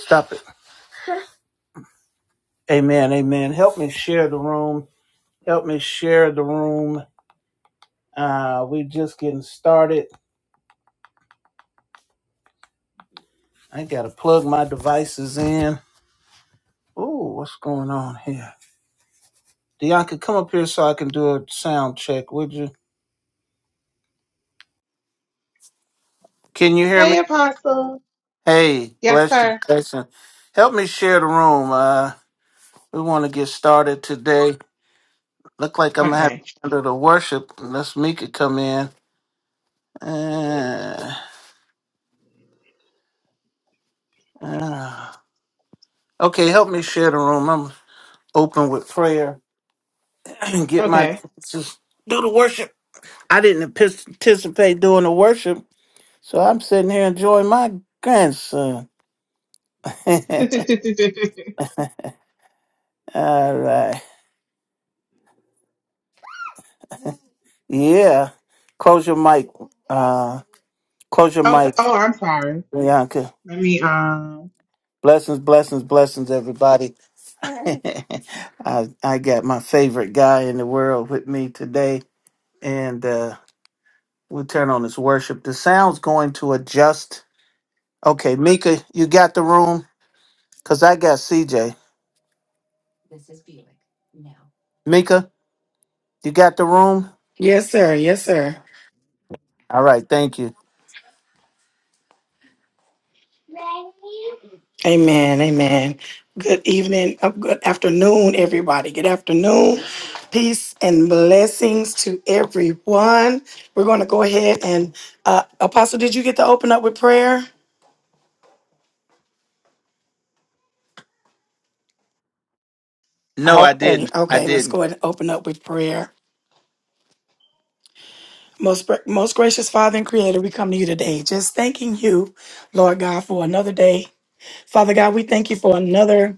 Stop it. Amen. Amen. Help me share the room. Help me share the room. Uh, we just getting started. I gotta plug my devices in. Oh, what's going on here? Deonka, come up here so I can do a sound check, would you? Can you hear me? Hey, Apostle. Hey, Yes, bless you, sir. blessing. Help me share the room. Uh, we want to get started today. Look like I'm gonna have Okay. to handle the worship unless Mika come in. Uh, uh. Okay, help me share the room. open with prayer and get my Okay. just do the worship. I didn't partic- participate doing the worship, so I'm sitting here enjoying my grandson. okay. All right. Yeah. Close your mic. Uh close your Oh, mic, I'm sorry. Bianca. Let me. um. Blessings, blessings, blessings, everybody. I I got my favorite guy in the world with me today. And uh we turn on this worship. The sound's going to adjust. Okay, Mika, you got the room? Cause I got CJ. Mika, you got the room? Yes, sir. Yes, sir. All right, thank you. Amen. Amen. Good evening. uh, Good afternoon, everybody. Good afternoon. Peace and blessings to everyone. We're going to go ahead and, uh, Apostle, did you get to open up with prayer? No, I Okay. didn't. I Okay. Let's didn't. go ahead and open up with prayer. Most, gra- most gracious Father and Creator, we come to you today just thanking you, Lord God, for another day. Father God, we thank you for another.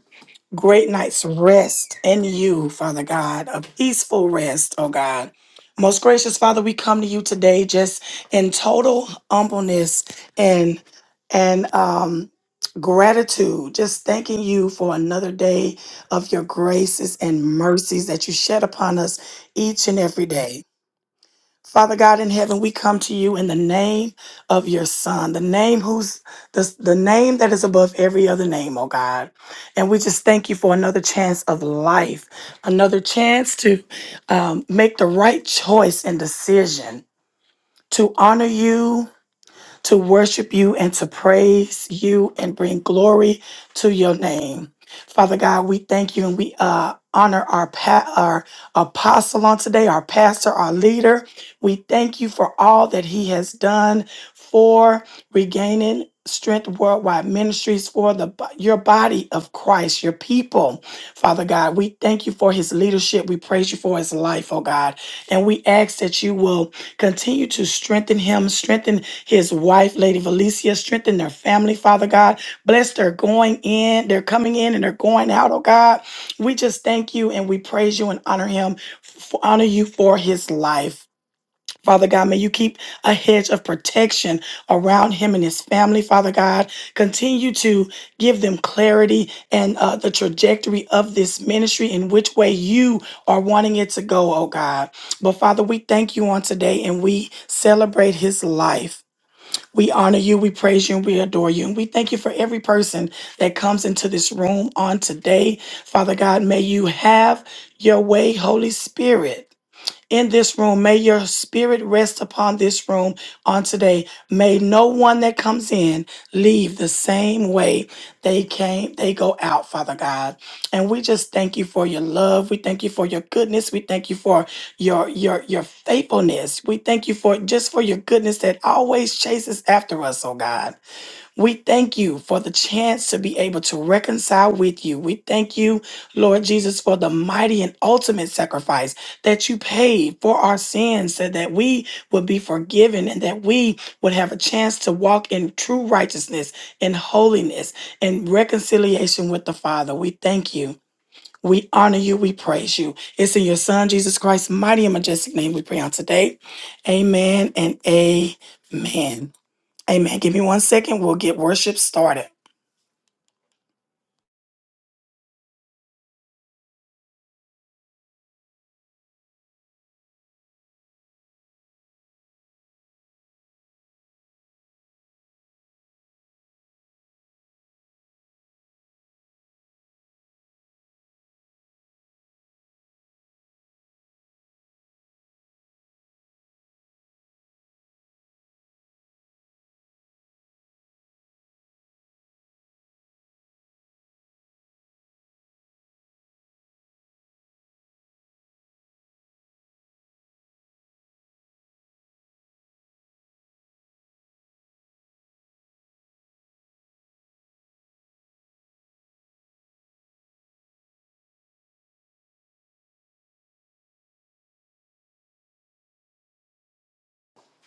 great night's rest in you, Father God, a peaceful rest, oh God. Most gracious Father, we come to you today just in total humbleness and and um gratitude, just thanking you for another day of your graces and mercies that you shed upon us each and every day. Father God in heaven, we come to you in the name of your son, the name who's the, the name that is above every other name, oh God. And we just thank you for another chance of life, another chance to um, make the right choice and decision to honor you to worship you and to praise you and bring glory to your name. Father God, we thank you and we uh, honor our pa- our apostle on today, our pastor, our leader. We thank you for all that he has done for regaining strength worldwide ministries for the bo- your body of Christ, your people. Father God, we thank you for his leadership. We praise you for his life, oh God. And we ask that you will continue to strengthen him, strengthen his wife, Lady Valencia. Strengthen their family, Father God. Bless their going in, they're coming in, and they're going out, oh God. We just thank you and we praise you and honor him, f- honor you for his life. Father God, may you keep a hedge of protection around him and his family, Father God. Continue to give them clarity and uh, the trajectory of this ministry in which way you are wanting it to go, oh God. But Father, we thank you on today and we celebrate his life. We honor you, we praise you, and we adore you. And we thank you for every person that comes into this room on today. Father God, may you have your way, Holy Spirit in this room. May your spirit rest upon this room on today. May no one that comes in leave the same way they came, they go out, Father God. And we just thank you for your love. We thank you for your goodness. We thank you for your your your faithfulness. We thank you for just for your goodness that always chases after us, oh God. We thank you for the chance to be able to reconcile with you. We thank you, Lord Jesus, for the mighty and ultimate sacrifice that you paid for our sins so that we would be forgiven and that we would have a chance to walk in true righteousness and holiness and reconciliation with the Father. We thank you. We honor you. We praise you. It's in your Son, Jesus Christ's mighty and majestic name we pray on today. Amen and amen. Amen. Give me one second. We'll get worship started.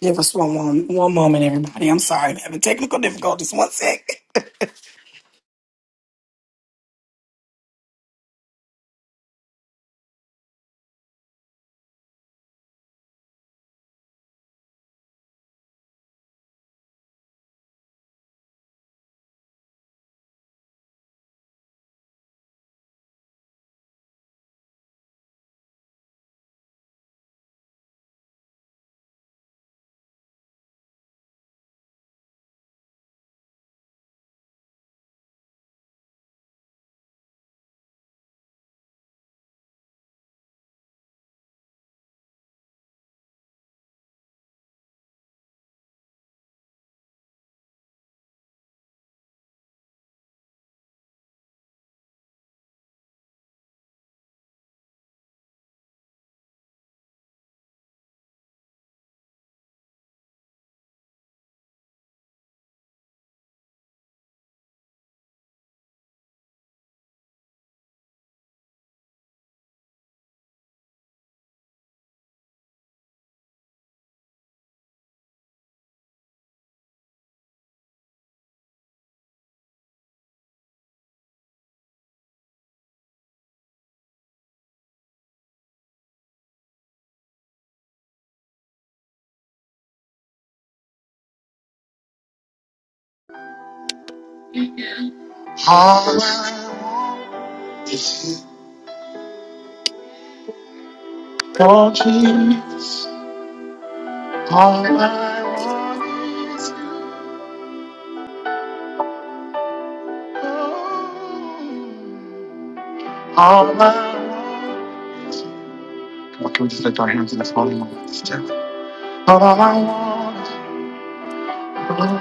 Give us one, one, one moment, everybody. I'm sorry. I'm having technical difficulties. One sec. All I want is you, Lord Jesus. All I want is you. All I want. Come on, can we just lift our hands in this holy moment? Just do it. All I want is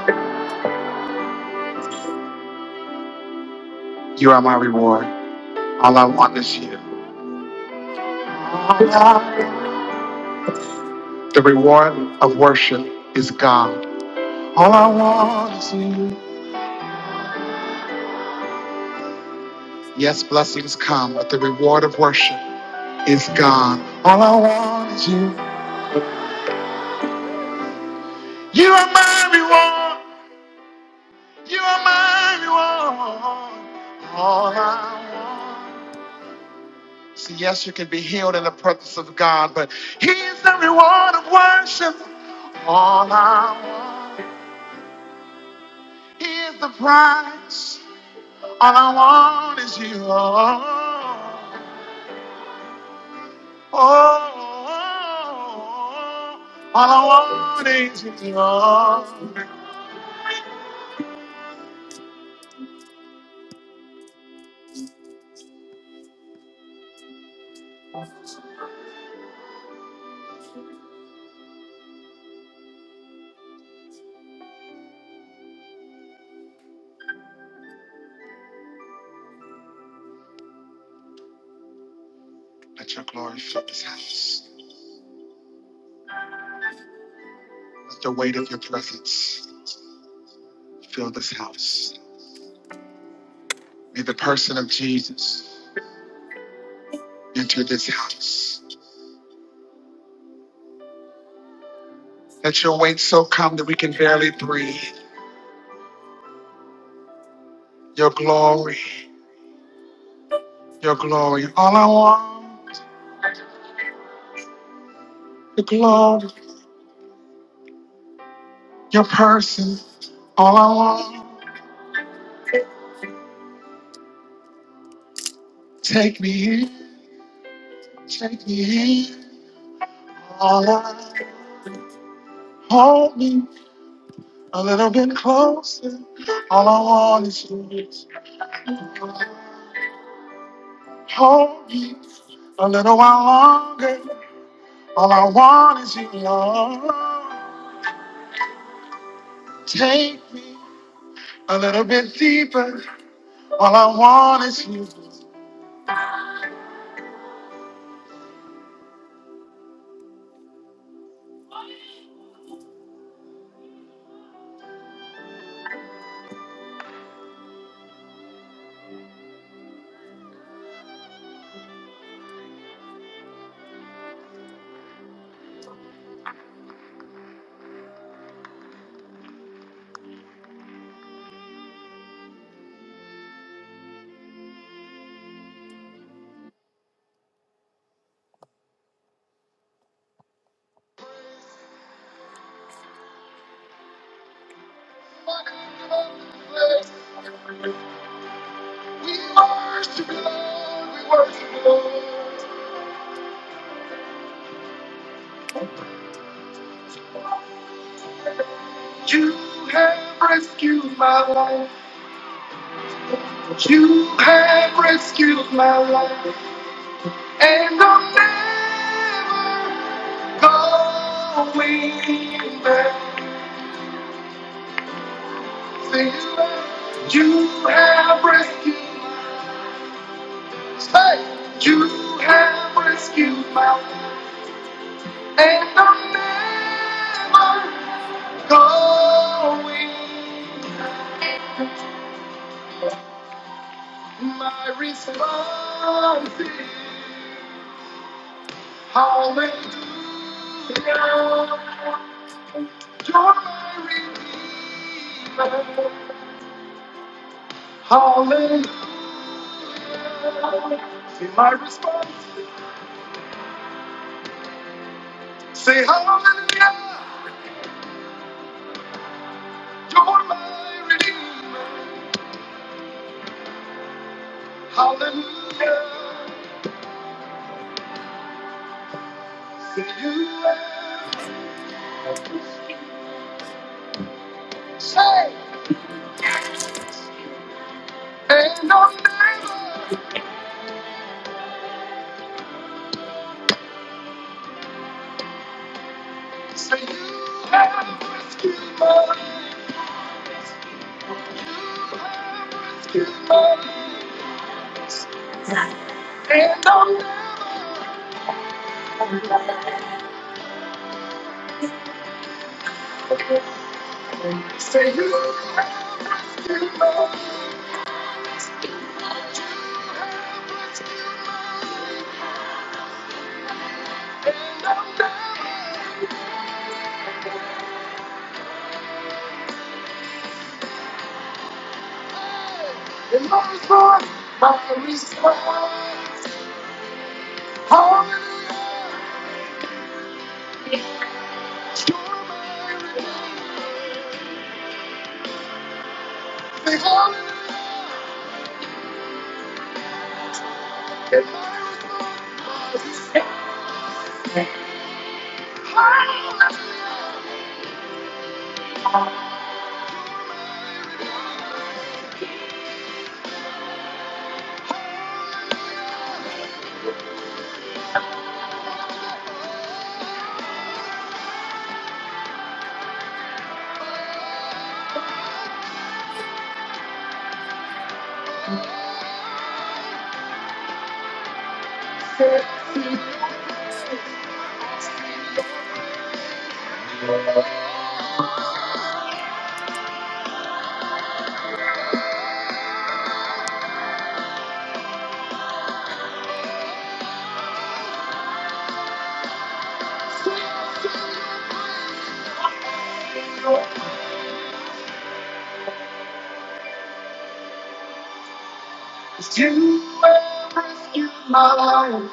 you. You are my reward. All I want is you. All I want. The reward of worship is God. All I want is you. Yes, blessings come, but the reward of worship is gone. All I want is you. You are my reward. You are my reward. All I want. See, yes, you can be healed in the presence of God, but He is the reward of worship. All I want. He is the prize. All I want is you. Oh, all I want is you. Let your glory fill this house. Let the weight of your presence fill this house. May the person of Jesus enter this house. Let your weight so come that we can barely breathe. Your glory, your glory. All I want, your glory, your person. All I want, take me in, take me in. All I want. Hold me, A little bit closer. All I want is you. Hold me a little while longer. All I want is you, Lord. Take me a little bit deeper. All I want is you. We worship you, Lord. We worship you, Lord. You have rescued my life. You have rescued my life. And I'm never going back to you. You have rescued my life. Hey, You have rescued my life. And I'm never going back. My response is. Hallelujah. you're my redeemer. Holy, be my response. Say hallelujah. You're my redeemer. Hallelujah. Say you have saved Ain't no am Say you have rescued my life. You have rescued my life.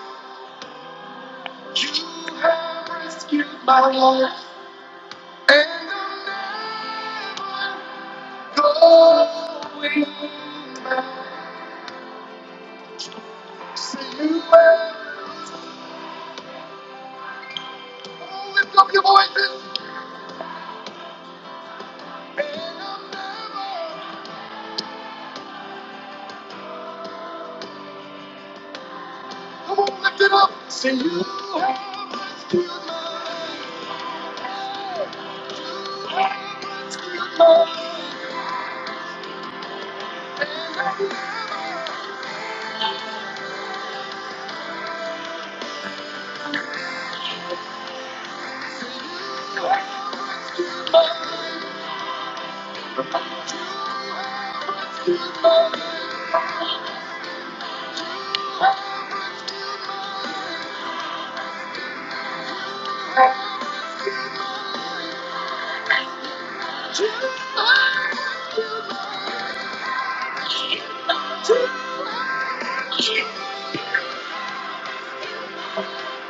You have rescued my life. And I'm never going back. See you have Oh, lift up your voices. And I'm never. Come on, lift it up. See you have rescued my life.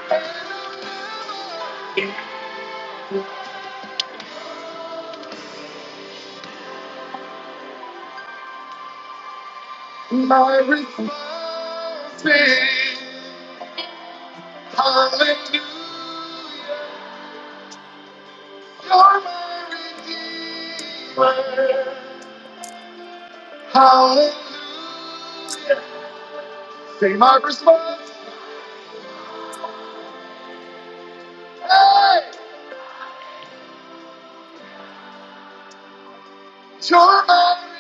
Thank you. my response is Hallelujah, you're my redeemer. Hallelujah, say my response. Hey, you're my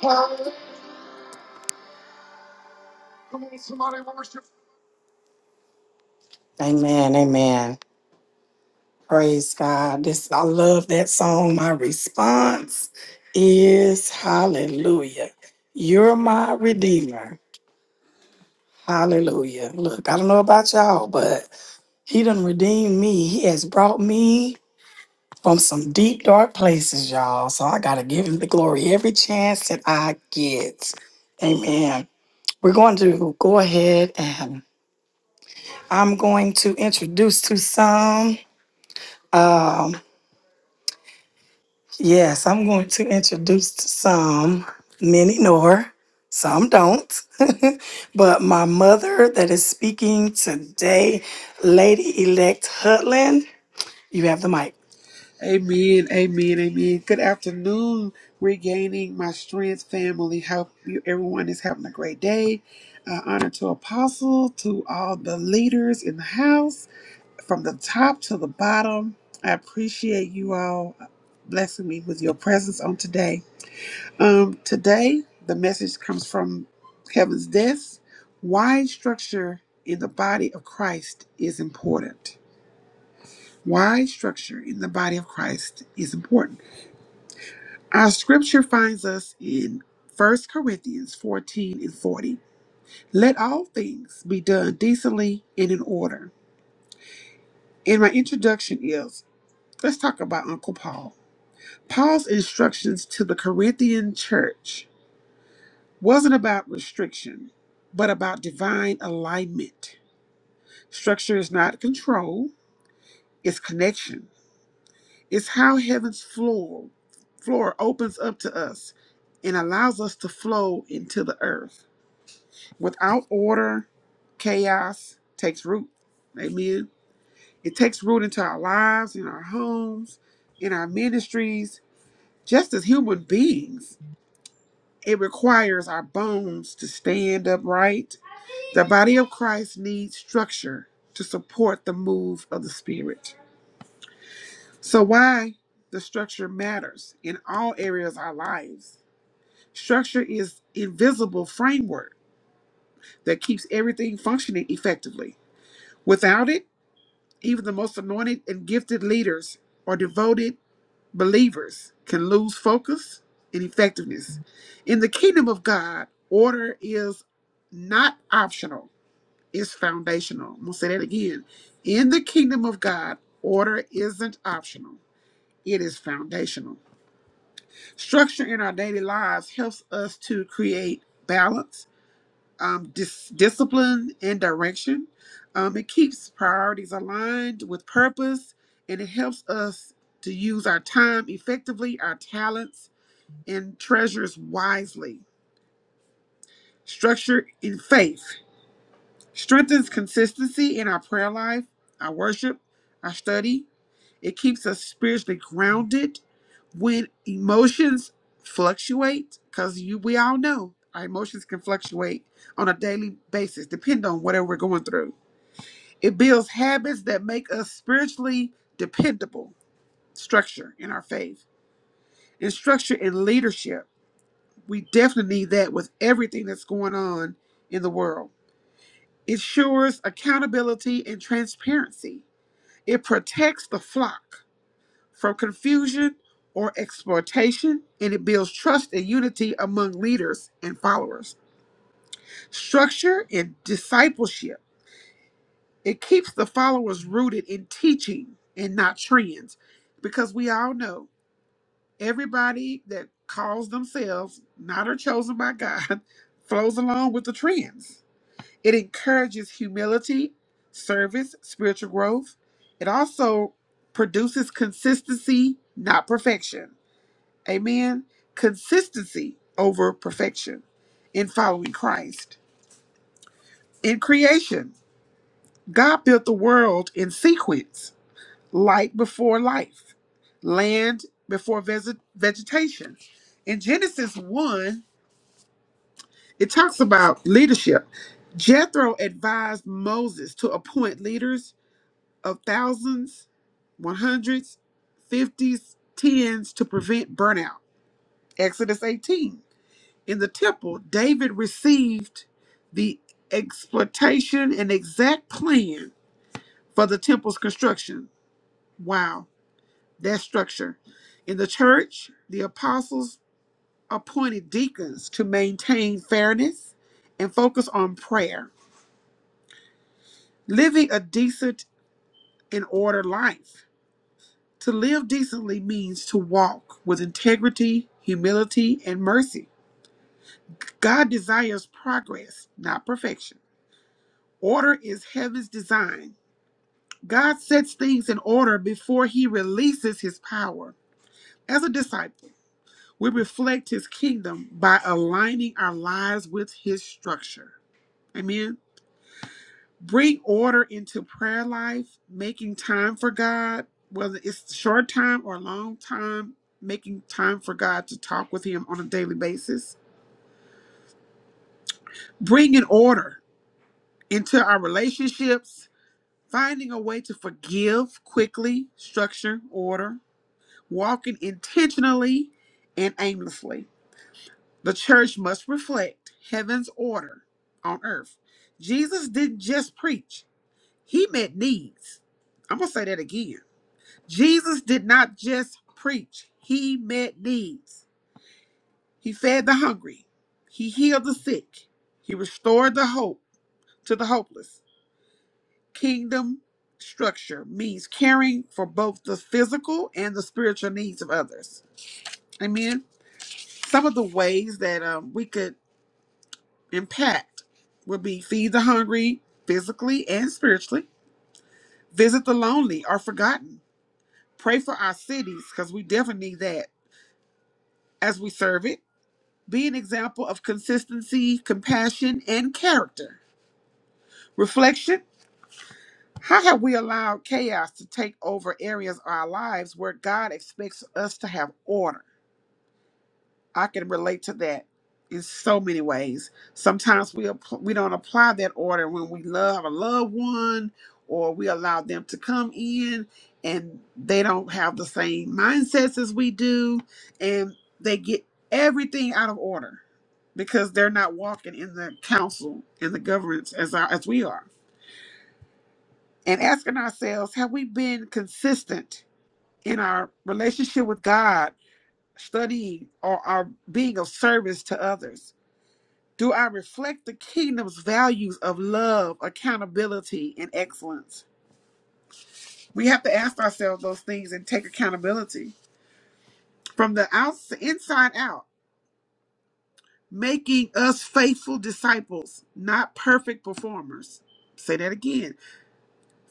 Hallelujah. Come on, somebody worship. Amen, amen. Praise God. This I love that song. My response is hallelujah. You're my redeemer. Hallelujah. Look, I don't know about y'all, but he done redeemed me. He has brought me from some deep, dark places, y'all. So I got to give him the glory every chance that I get. Amen. We're going to go ahead and I'm going to introduce to some. um, Yes, I'm going to introduce some. Many know her, some don't. but my mother that is speaking today, Lady Elect Hutland, you have the mic. Amen, amen, amen. Good afternoon, regaining my strength, family. Hope you, everyone is having a great day. Uh, honor to Apostle, to all the leaders in the house, from the top to the bottom. I appreciate you all blessing me with your presence on today. Um, today, the message comes from Heaven's Desk. Why structure in the body of Christ is important. Why structure in the body of Christ is important. Our scripture finds us in 1 Corinthians 14 and 40. Let all things be done decently and in order. And my introduction is let's talk about Uncle Paul. Paul's instructions to the Corinthian church wasn't about restriction, but about divine alignment. Structure is not control, it's connection. It's how heaven's floor floor opens up to us and allows us to flow into the earth. Without order, chaos takes root. Amen. It takes root into our lives, in our homes, in our ministries, just as human beings. It requires our bones to stand upright. The body of Christ needs structure to support the move of the Spirit. So, why the structure matters in all areas of our lives. Structure is invisible framework that keeps everything functioning effectively. Without it, Even the most anointed and gifted leaders or devoted believers can lose focus and effectiveness. In the kingdom of God, order is not optional, it's foundational. I'm going to say that again. In the kingdom of God, order isn't optional, it is foundational. Structure in our daily lives helps us to create balance um, dis- discipline and direction. Um, it keeps priorities aligned with purpose and it helps us to use our time effectively, our talents, and treasures wisely. Structure in faith strengthens consistency in our prayer life, our worship, our study, it keeps us spiritually grounded when emotions fluctuate, because you we all know our emotions can fluctuate on a daily basis, depending on whatever we're going through. It builds habits that make us spiritually dependable, structure in our faith, and structure in leadership. We definitely need that with everything that's going on in the world. It ensures accountability and transparency. It protects the flock from confusion or exploitation, and it builds trust and unity among leaders and followers. Structure and discipleship. It keeps the followers rooted in teaching and not trends, because we all know everybody that calls themselves not or chosen by God flows along with the trends. It encourages humility, service, spiritual growth. It also produces consistency, not perfection Amen. Consistency over perfection in following Christ. In creation, God built the world in sequence light before life, land before vege- vegetation. In Genesis 1, it talks about leadership. Jethro advised Moses to appoint leaders of thousands, one hundreds, fifties, tens to prevent burnout. Exodus 18. in the temple, David received the exploitation and exact plan for the temple's construction. Wow, that structure. In the church, the apostles appointed deacons to maintain fairness and focus on prayer. Living a decent and ordered life. To live decently means to walk with integrity, humility, and mercy. God desires progress, not perfection. Order is heaven's design God sets things in order before he releases his power. As a disciple, we reflect his kingdom by aligning our lives with his structure. Amen. Bring order into prayer life, making time for God, whether it's short time or long time, making time for God to talk with him on a daily basis. Bring an order into our relationships, finding a way to forgive quickly, structure, order walking intentionally and aimlessly. The church must reflect heaven's order on earth. Jesus didn't just preach, he met needs. I'm going to say that again. Jesus did not just preach, he met needs. He fed the hungry, he healed the sick, he restored the hope to the hopeless. Kingdom structure means caring for both the physical and the spiritual needs of others. Amen. Some of the ways that um, we could impact would be feed the hungry physically and spiritually, visit the lonely or forgotten, pray for our cities because we definitely need that as we serve it, be an example of consistency, compassion, and character. Reflection How have we allowed chaos to take over areas of our lives where God expects us to have order? I can relate to that in so many ways. Sometimes we app- we don't apply that order when we love a loved one or we allow them to come in and they don't have the same mindsets as we do and they get everything out of order because they're not walking in the counsel and the governance as our, as we are. And asking ourselves, have we been consistent in our relationship with God, studying or our being of service to others? Do I reflect the kingdom's values of love, accountability, and excellence? We have to ask ourselves those things and take accountability from the outside, inside out, making us faithful disciples, not perfect performers. Say that again.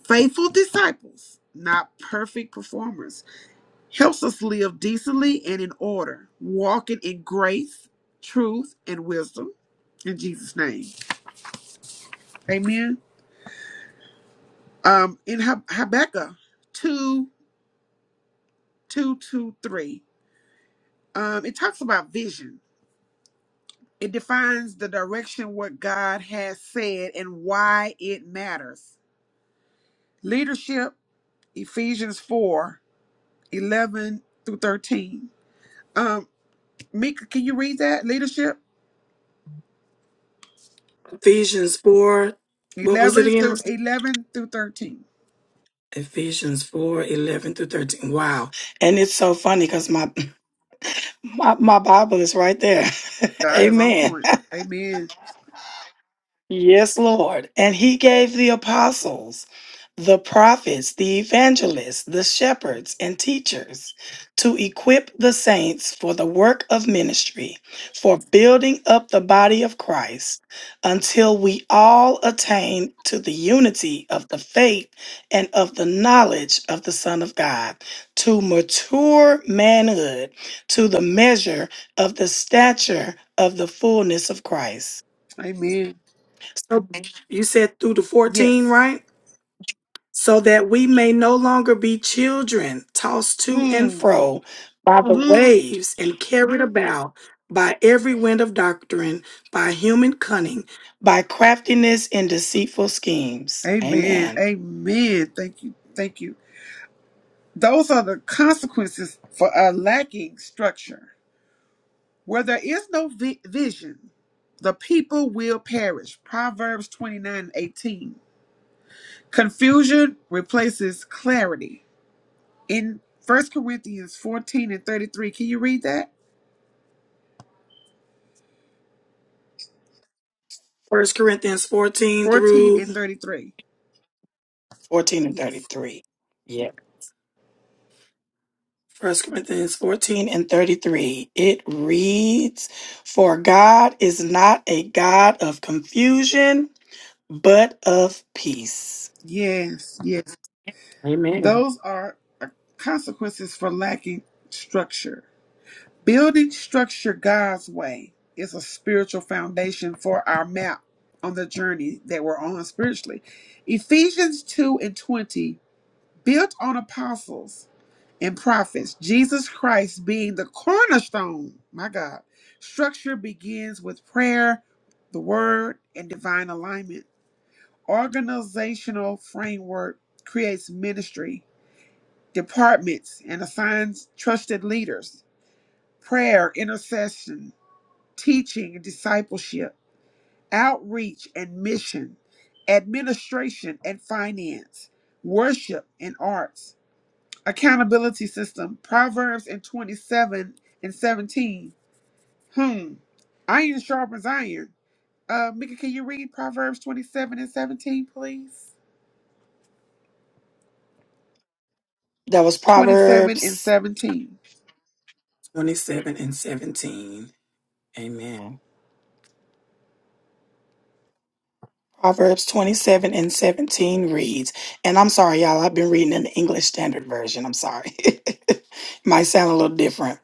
Faithful disciples, not perfect performers, helps us live decently and in order, walking in grace, truth, and wisdom. In Jesus' name. Amen. um in Hab- habakkuk 2 two, two, three, um it talks about vision it defines the direction what god has said and why it matters leadership ephesians 4 11 through 13 um mika can you read that leadership Ephesians 4, what was it 11 again? through 11 through 13 Ephesians 4, 11 through 13. Wow. And it's so funny because my, my, my Bible is right there. god is on Amen. point amen Yes, Lord. And he gave the apostles, the prophets, the evangelists, the shepherds, and teachers to equip the saints for the work of ministry, for building up the body of Christ, until we all attain to the unity of the faith and of the knowledge of the Son of God, to mature manhood, to the measure of the stature of the fullness of Christ amen so you said through the 14, yes right? So that we may no longer be children tossed to and mm, fro by the mm. waves and carried about by every wind of doctrine, by human cunning, by craftiness and deceitful schemes. amen Amen. amen thank you thank you Those are the consequences for a lacking structure. Where there is no vi- vision, the people will perish. Proverbs 29 18. Confusion replaces clarity. In First Corinthians 14 and 33, can you read that? First Corinthians 14 14 through and 33. 14 and Yes. 33. Yeah. First Corinthians 14 and 33. It reads, For God is not a God of confusion but of peace. Yes, yes. Those are uh, consequences for lacking structure. Building structure God's way is a spiritual foundation for our map on the journey that we're on spiritually. Ephesians 2 and 20, built on apostles and prophets, Jesus Christ being the cornerstone. My God. Structure begins with prayer, the word, and divine alignment. Organizational framework creates ministry, departments, and assigns trusted leaders. Prayer, intercession, teaching and discipleship, outreach and mission, administration and finance, worship and arts, accountability system, Proverbs and 27 and 17. Hmm. Iron sharpens iron. Uh, Mika, can you read Proverbs 27 and 17, please? That was 27 and Proverbs 17. 27 and 17. Amen. Proverbs 27 and 17 reads, and I'm sorry, y'all, I've been reading in the English Standard Version. I'm sorry. It Might sound a little different.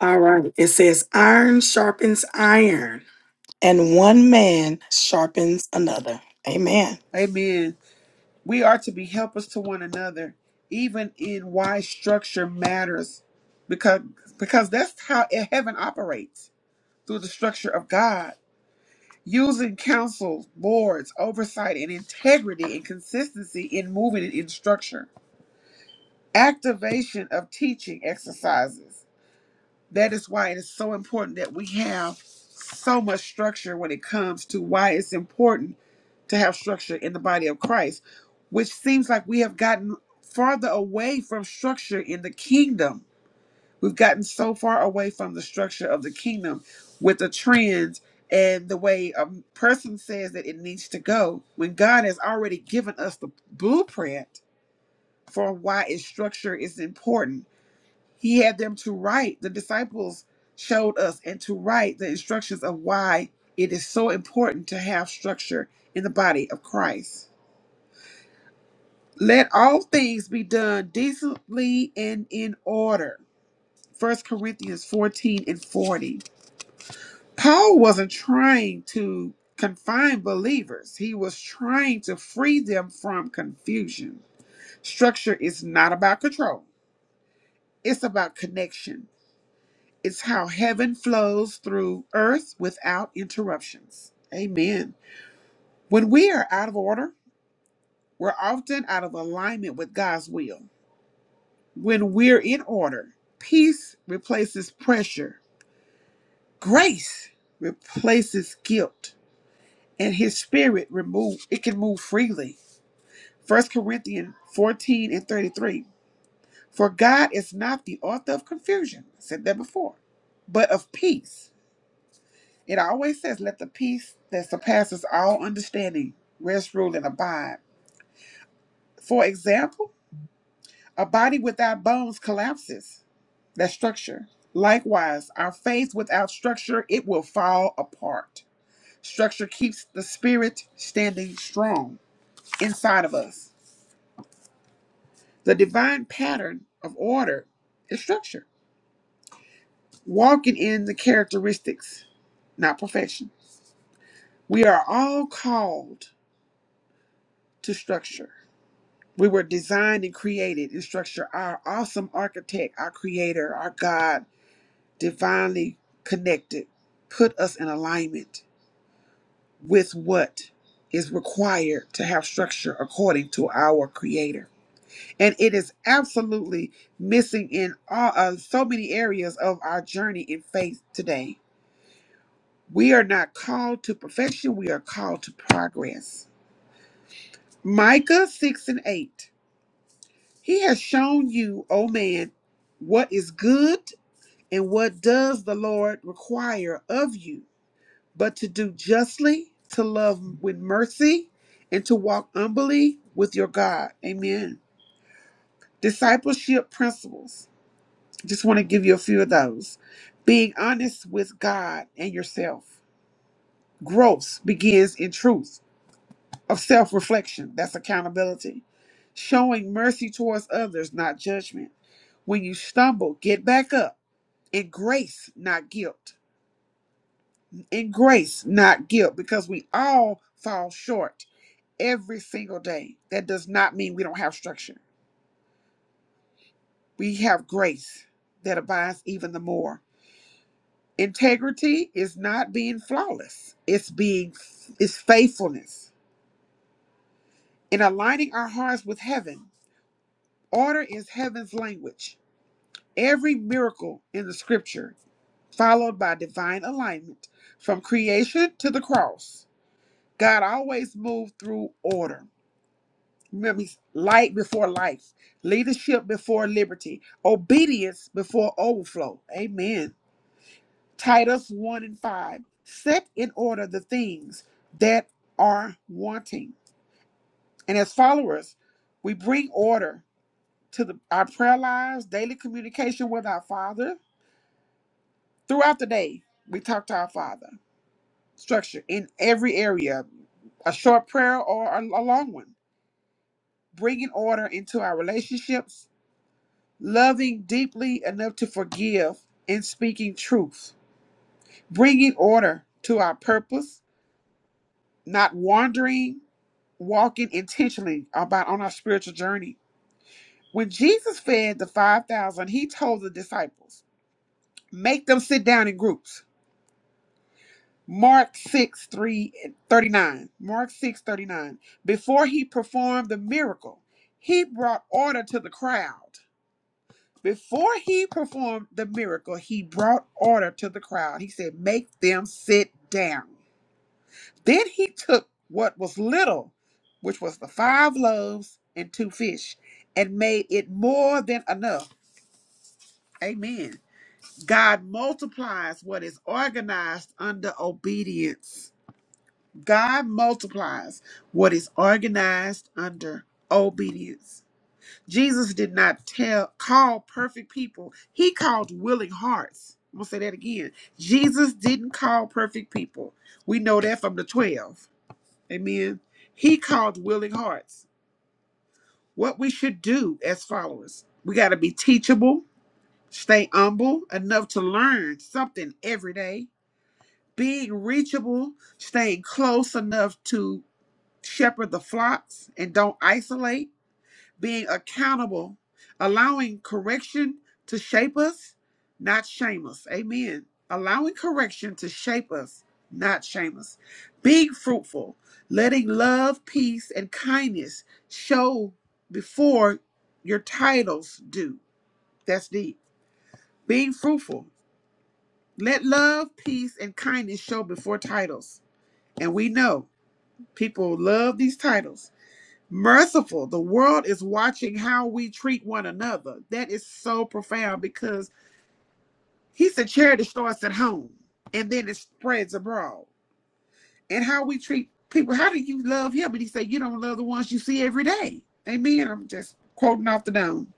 All right. It says, Iron sharpens iron and one man sharpens another. Amen. Amen. We are to be helpers to one another, even in why structure matters, because because that's how heaven operates through the structure of God. Using councils, boards, oversight, and integrity and consistency in moving and in structure. Activation of teaching exercises. That is why it is so important that we have so much structure when it comes to why it's important to have structure in the body of Christ, which seems like we have gotten farther away from structure in the kingdom. We've gotten so far away from the structure of the kingdom with the trends and the way a person says that it needs to go when God has already given us the blueprint for why its structure is important he had them to write, the disciples showed us, and to write the instructions of why it is so important to have structure in the body of Christ. Let all things be done decently and in order. First Corinthians 14 and 40. Paul wasn't trying to confine believers, he was trying to free them from confusion. Structure is not about control, it's about connection. It's how heaven flows through earth without interruptions. Amen. When we are out of order, we're often out of alignment with God's will. When we're in order, peace replaces pressure, grace replaces guilt, and his spirit remove it can move freely. First Corinthians 14 and 33. For God is not the author of confusion. I said that before, but of peace It always says, Let the peace that surpasses all understanding rest, rule, and abide. For example, a body without bones collapses, that structure. Likewise, our faith without structure, it will fall apart. Structure keeps the spirit standing strong inside of us. The divine pattern of order is structure, walking in the characteristics, not perfection. We are all called to structure We were designed and created and structured. Our awesome architect, our creator, our God, divinely connected, put us in alignment with what is required to have structure according to our creator. And it is absolutely missing in all, uh, so many areas of our journey in faith today. We are not called to perfection, we are called to progress. Micah 6 and 8. He has shown you, O man, what is good and what does the Lord require of you, but to do justly, to love with mercy, and to walk humbly with your God. Amen. Discipleship principles. Just want to give you a few of those. Being honest with God and yourself. Growth begins in truth. of self reflection. That's accountability. Showing mercy towards others, not judgment. When you stumble, get back up in grace, not guilt. In grace, not guilt, because we all fall short every single day. That does not mean we don't have structure. We have grace that abides even the more. Integrity is not being flawless. It's being it's faithfulness. In aligning our hearts with heaven, order is heaven's language Every miracle in the scripture, followed by divine alignment from creation to the cross, God always moved through order. Remember, he's light before life, leadership before liberty, obedience before overflow. Amen. Titus 1 and 5. Set in order the things that are wanting. And as followers, we bring order to the, our prayer lives, daily communication with our Father, Throughout the day, we talk to our Father. Structure in every area, a short prayer or a, a long one. Bringing order into our relationships, loving deeply enough to forgive, and speaking truth. Bringing order to our purpose, not wandering, walking intentionally about on our spiritual journey. When Jesus fed the 5,000, he told the disciples, make them sit down in groups Mark 6, 39. Mark 6 39. Before he performed the miracle, he brought order to the crowd. Before he performed the miracle, he brought order to the crowd. He said, Make them sit down. Then he took what was little, which was the five loaves and two fish, and made it more than enough. Amen. God multiplies what is organized under obedience. God multiplies what is organized under obedience. Jesus did not tell call perfect people. He called willing hearts. I'm gonna say that again. Jesus didn't call perfect people. We know that from the 12. Amen. He called willing hearts. What we should do as followers. We gotta be teachable, stay humble enough to learn something every day, being reachable, staying close enough to shepherd the flocks and don't isolate, being accountable, allowing correction to shape us, not shame us. Amen. Allowing correction to shape us, not shame us. Being fruitful, letting love, peace, and kindness show before your titles do. That's deep. Being fruitful, let love, peace, and kindness show before titles. And we know people love these titles merciful. The world is watching how we treat one another. That is so profound because he said charity starts at home and then it spreads abroad. And how we treat people, how do you love him? And he said, You don't love the ones you see every day. Amen. I'm just quoting off the dome.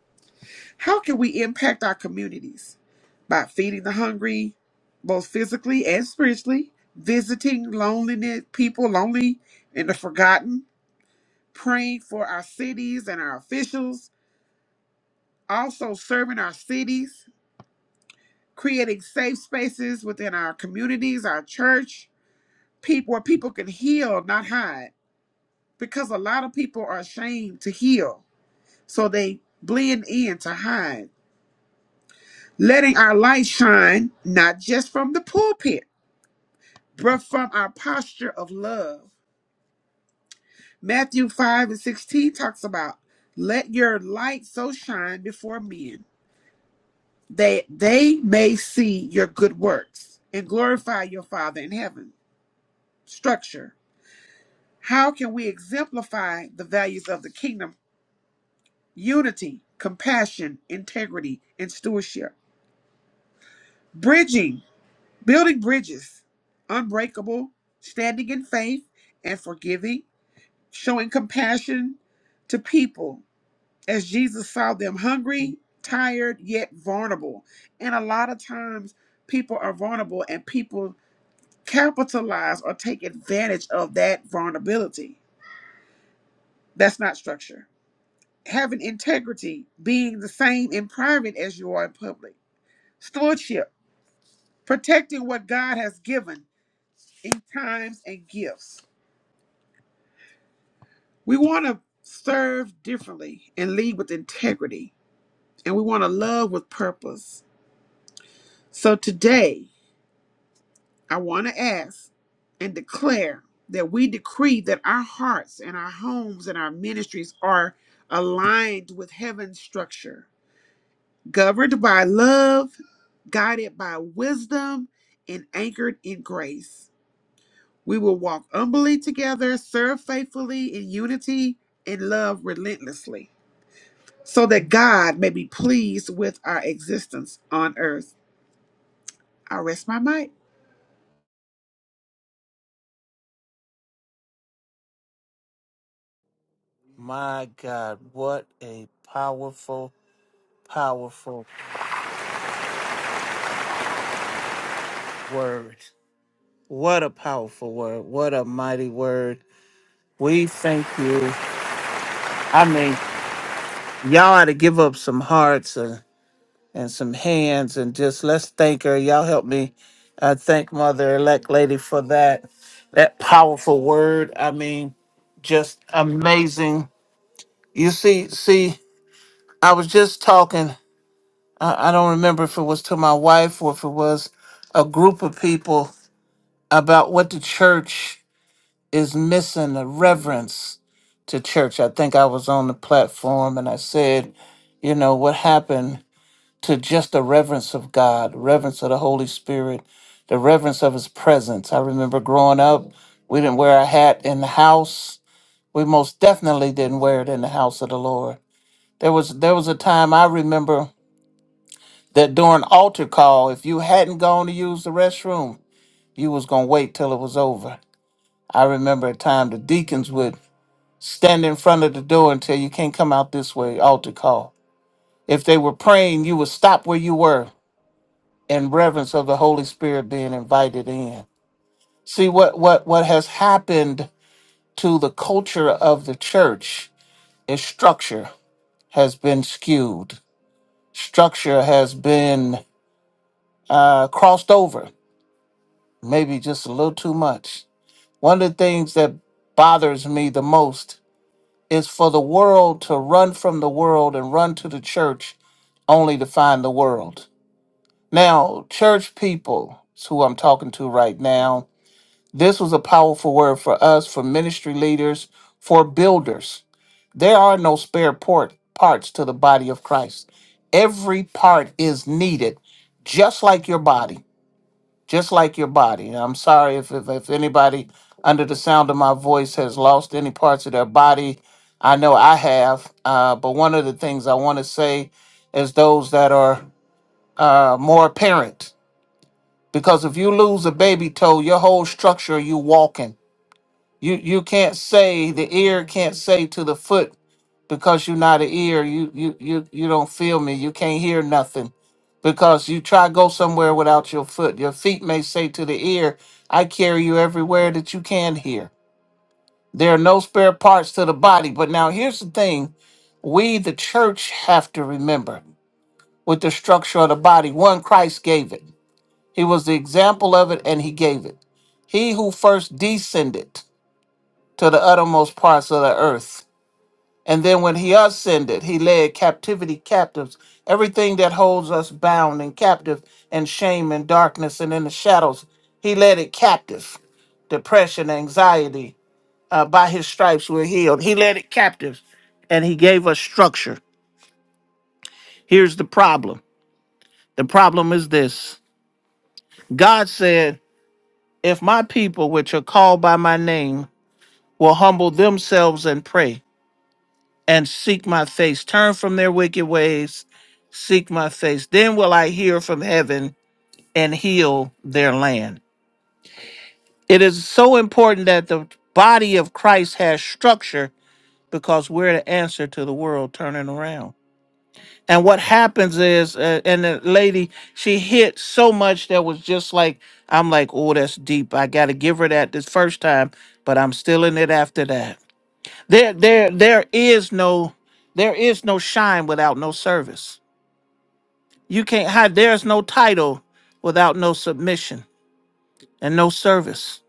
How can we impact our communities? By feeding the hungry, both physically and spiritually, visiting loneliness, people lonely and the forgotten, praying for our cities and our officials, also serving our cities, creating safe spaces within our communities, our church, people where people can heal, not hide. Because a lot of people are ashamed to heal, so they blend in to hide. Letting our light shine, not just from the pulpit, but from our posture of love. Matthew 5 and 16 talks about, let your light so shine before men They they may see your good works and glorify your Father in heaven. Structure. How can we exemplify the values of the kingdom? Unity, compassion, integrity, and stewardship. Bridging, building bridges, unbreakable, standing in faith and forgiving, showing compassion to people as Jesus saw them hungry, tired, yet vulnerable. And a lot of times people are vulnerable and people capitalize or take advantage of that vulnerability. That's not structure. Having integrity, being the same in private as you are in public, stewardship, protecting what God has given in times and gifts. We want to serve differently and lead with integrity, and we want to love with purpose. So today, I want to ask and declare that we decree that our hearts and our homes and our ministries are aligned with heaven's structure, governed by love, guided by wisdom, and anchored in grace. We will walk humbly together, serve faithfully in unity, and love relentlessly, so that God may be pleased with our existence on earth. I rest my mic. My God, what a powerful, powerful word. What a powerful word. What a mighty word. We thank you. I mean, y'all ought to give up some hearts and, and some hands and just let's thank her. Y'all help me uh, thank Mother Elect Lady for that. That powerful word. I mean, just amazing You see, see, I was just talking. I, I don't remember if it was to my wife or if it was a group of people about what the church is missing the reverence to church. I think I was on the platform and I said, you know, what happened to just the reverence of God, the reverence of the Holy Spirit, the reverence of His presence. I remember growing up, we didn't wear a hat in the house. We most definitely didn't wear it in the house of the Lord There was there was a time I remember that during altar call, if you hadn't gone to use the restroom, you was gonna wait till it was over. I remember a time the deacons would stand in front of the door and tell you can't come out this way, altar call. If they were praying, you would stop where you were in reverence of the Holy Spirit being invited in. See what what what has happened to the culture of the church is structure has been skewed. Structure has been uh, crossed over, maybe just a little too much. One of the things that bothers me the most is for the world to run from the world and run to the church only to find the world. Now, church people, is who I'm talking to right now, this was a powerful word for us, for ministry leaders, for builders. There are no spare port parts to the body of Christ. Every part is needed, just like your body. just like your body. And I'm sorry if, if, if anybody under the sound of my voice has lost any parts of their body. I know I have. Uh, but one of the things I want to say is those that are uh, more apparent, because if you lose a baby toe, your whole structure you walking. You you can't say the ear can't say to the foot because you're not an ear. You you you you don't feel me. You can't hear nothing because you try go somewhere without your foot. Your feet may say to the ear, "I carry you everywhere that you can hear." There are no spare parts to the body. But now here's the thing: we, the church, have to remember with the structure of the body. One, Christ gave it. He was the example of it, and He gave it. He who first descended to the uttermost parts of the earth. And then when he ascended, he led captivity captives, everything that holds us bound and captive and shame and darkness and in the shadows. He led it captive, depression, anxiety. Uh, by his stripes we're healed. He led it captive and he gave us structure. Here's the problem the problem is this God said, If my people, which are called by my name, will humble themselves and pray. and seek my face. Turn from their wicked ways, seek my face. Then will I hear from heaven and heal their land. It is so important that the body of Christ has structure because we're the answer to the world turning around. And what happens is, uh, and the lady, she hit so much that was just like, I'm like, oh, that's deep. I got to give her that this first time, but I'm still in it after that. There, there, there is no, there is no shine without no service. You can't hide. There's no title without no submission and no service.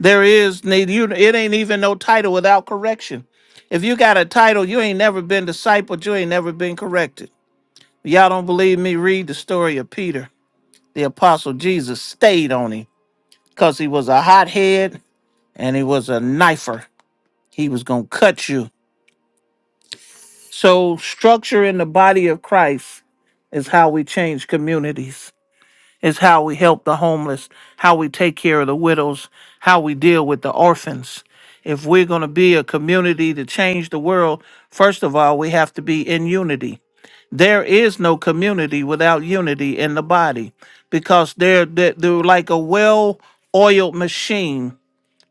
There is need you. It ain't even no title without correction. If you got a title, you ain't never been discipled. You ain't never been corrected. Y'all don't believe me? Read the story of Peter, the apostle. Jesus stayed on him because he was a hothead and he was a knifer. He was gonna cut you So, structure in the body of Christ is how we change communities, is how we help the homeless, how we take care of the widows, how we deal with the orphans. If we're going to be a community to change the world, first of all, we have to be in unity. There is no community without unity in the body because they're, they're they're like a well oiled machine.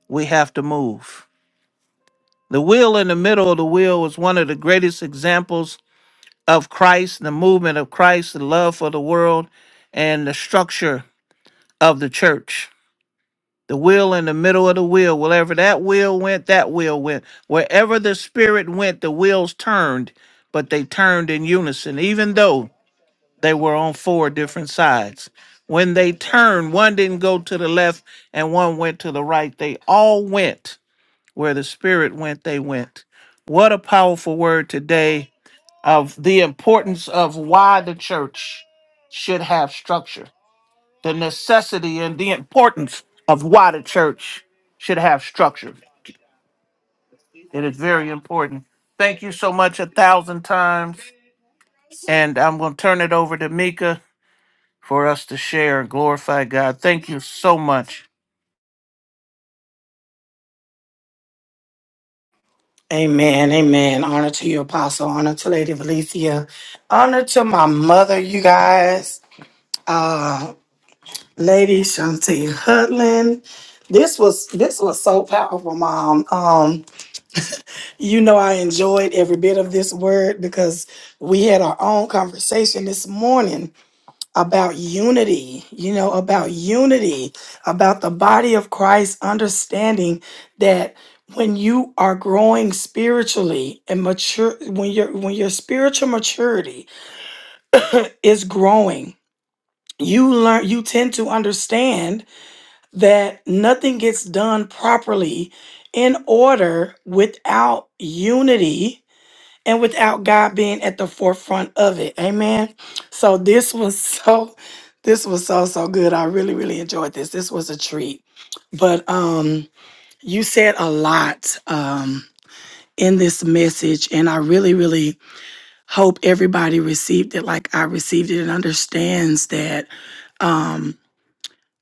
We have to move. The wheel in the middle of the wheel is one of the greatest examples of Christ, the movement of Christ, the love for the world, and the structure of the church. The wheel in the middle of the wheel, wherever that wheel went, that wheel went. Wherever the spirit went, the wheels turned, but they turned in unison, even though they were on four different sides. When they turned, one didn't go to the left and one went to the right. They all went where the spirit went, they went. What a powerful word today of the importance of why the church should have structure, the necessity and the importance of why the church should have structure. It is very important. Thank you so much a thousand times. And I'm going to turn it over to Mika for us to share and glorify God. Thank you so much. Amen. Amen. Honor to your apostle. Honor to Lady Valencia. Honor to my mother, you guys. Uh, Lady Shanti Hutland. This was this was so powerful, Mom. Um, you know I enjoyed every bit of this word because we had our own conversation this morning about unity, you know, about unity, about the body of Christ, understanding that when you are growing spiritually and mature when your when your spiritual maturity is growing, you learn you tend to understand that nothing gets done properly in order without unity and without God being at the forefront of it. Amen. So this was so this was so so good. I really really enjoyed this. This was a treat. But um you said a lot um in this message and I really really hope everybody received it like I received it and understands that um,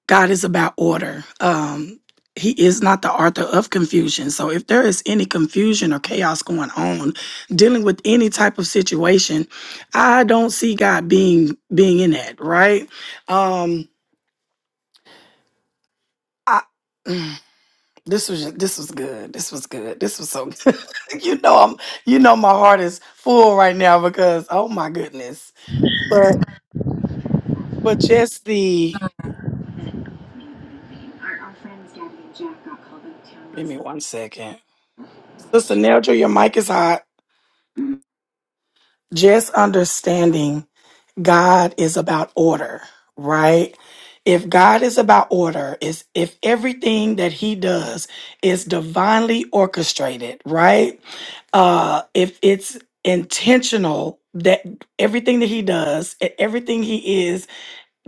God is about order. Um, he is not the author of confusion. So if there is any confusion or chaos going on dealing with any type of situation, I don't see God being being in that, right? Um I mm, this was this was good. This was good. This was so good. you know I'm you know my heart is full right now because oh my goodness. But just the give me one second. Sister Neldra, your mic is hot. Just understanding God is about order, right? If God is about order, is if everything that he does is divinely orchestrated, right? Uh if it's intentional that everything that he does, e- everything he is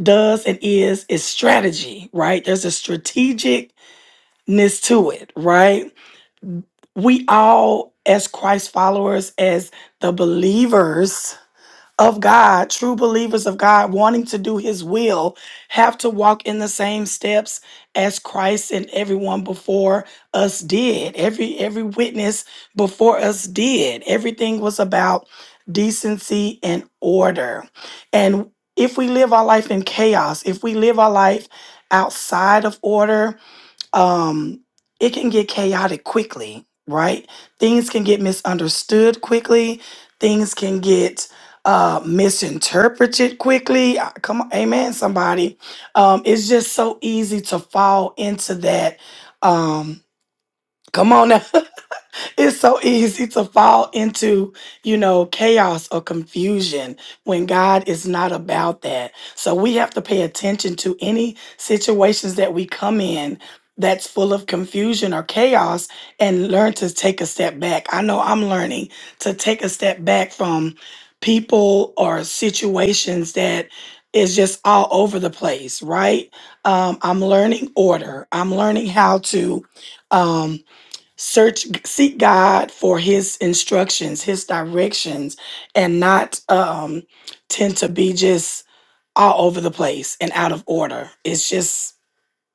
does and is is strategy, right? There's a strategicness to it, right? We all as Christ followers as the believers of God, true believers of God, wanting to do His will, have to walk in the same steps as Christ and everyone before us did. Every every witness before us did. Everything was about decency and order. And if we live our life in chaos, if we live our life outside of order, um, it can get chaotic quickly, right? Things can get misunderstood quickly. Things can get uh, misinterpreted quickly. Ah, Come on, amen, somebody. Um, it's just so easy to fall into that. Um, come on, now it's so easy to fall into, you know, chaos or confusion when God is not about that. So we have to pay attention to any situations that we come in that's full of confusion or chaos and learn to take a step back. I know I'm learning to take a step back from people or situations that is just all over the place, right? Um, I'm learning order. I'm learning how to. um, search seek god for his instructions his directions and not um tend to be just all over the place and out of order it's just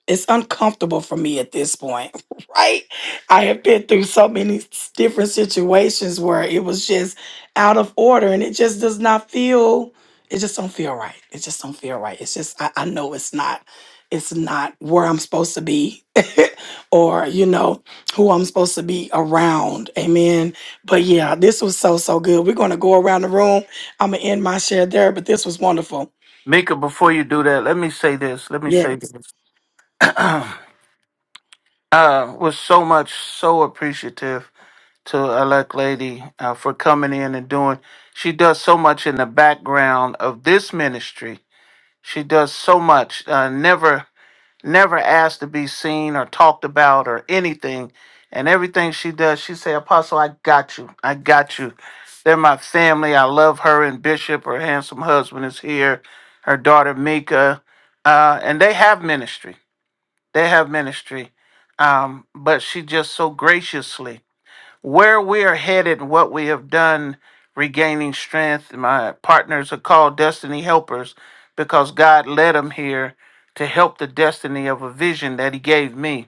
it's uncomfortable for me at this point, right? I have been through so many s- different situations where it was just out of order and it just does not feel it just don't feel right. It just don't feel right. It's just I, I know it's not it's not where I'm supposed to be or you know who I'm supposed to be around. Amen. But yeah, this was so so good. We're gonna go around the room. I'm gonna end my share there, but this was wonderful. Mika, before you do that, let me say this. Let me say Yes. this. uh, was so much, so appreciative to elect lady uh, for coming in and doing she does so much in the background of this ministry she does so much uh, never never asked to be seen or talked about or anything and everything she does she say apostle i got you i got you they're my family i love her and bishop her handsome husband is here her daughter mika uh, and they have ministry they have ministry um, but she just so graciously where we are headed, what we have done, regaining strength. My partners are called destiny helpers because God led them here to help the destiny of a vision that He gave me.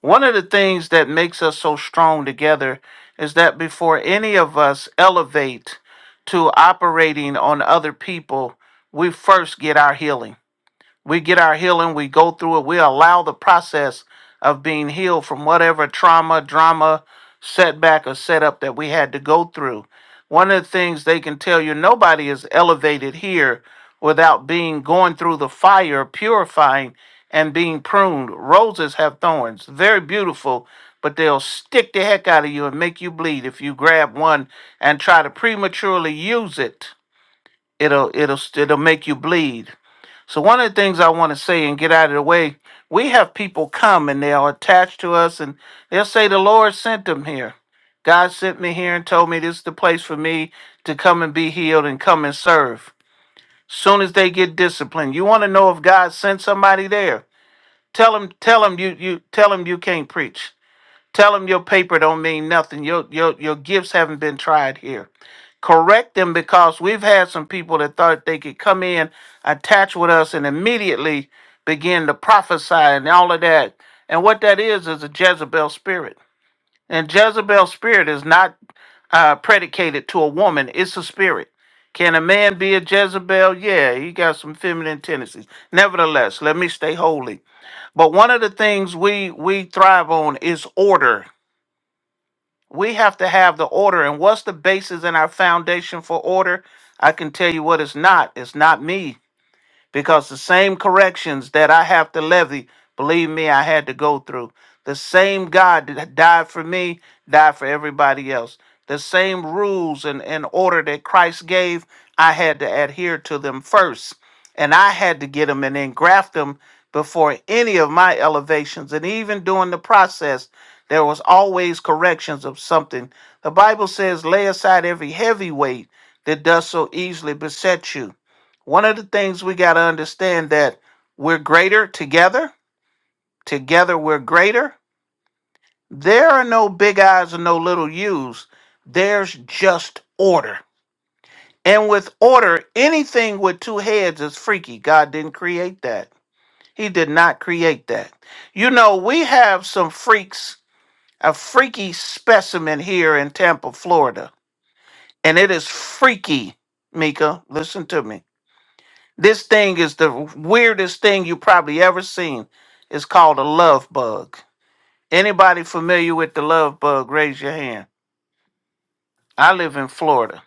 One of the things that makes us so strong together is that before any of us elevate to operating on other people, we first get our healing we get our healing, we go through it, we allow the process of being healed from whatever trauma, drama, setback, or setup that we had to go through. One of the things they can tell you nobody is elevated here without being going through the fire, purifying, and being pruned. Roses have thorns, very beautiful, but they'll stick the heck out of you and make you bleed if you grab one and try to prematurely use it it'll it'll it'll make you bleed. So one of the things I want to say and get out of the way, we have people come and they are attached to us and they'll say the Lord sent them here. God sent me here and told me this is the place for me to come and be healed and come and serve. Soon as they get disciplined, you want to know if God sent somebody there. Tell them, tell them you you tell them you can't preach. Tell them your paper don't mean nothing. Your your your gifts haven't been tried here correct them because we've had some people that thought they could come in, attach with us, and immediately begin to prophesy and all of that. And what that is is a Jezebel spirit. And Jezebel spirit is not uh, predicated to a woman; it's a spirit. Can a man be a Jezebel? Yeah, he got some feminine tendencies. Nevertheless, let me stay holy. But one of the things we we thrive on is order. We have to have the order. And what's the basis in our foundation for order? I can tell you what it's not. It's not me because the same corrections that I have to levy, believe me, I had to go through. The same God that died for me, died for everybody else. The same rules and, and order that Christ gave, I had to adhere to them first. And I had to get them and then graft them before any of my elevations. And even during the process, there was always corrections of something. The Bible says, lay aside every heavy weight that does so easily beset you one of the things we got to understand that we're greater together. Together we're greater. There are no big I's and no little U's. There's just order. And with order, anything with two heads is freaky. God didn't create that. He did not create that. You know, we have some freaks, a freaky specimen here in Tampa, Florida. And it is freaky, Mika. Listen to me This thing is the weirdest thing you probably ever seen. It's called a love bug. Anybody familiar with the love bug, raise your hand. I live in Florida.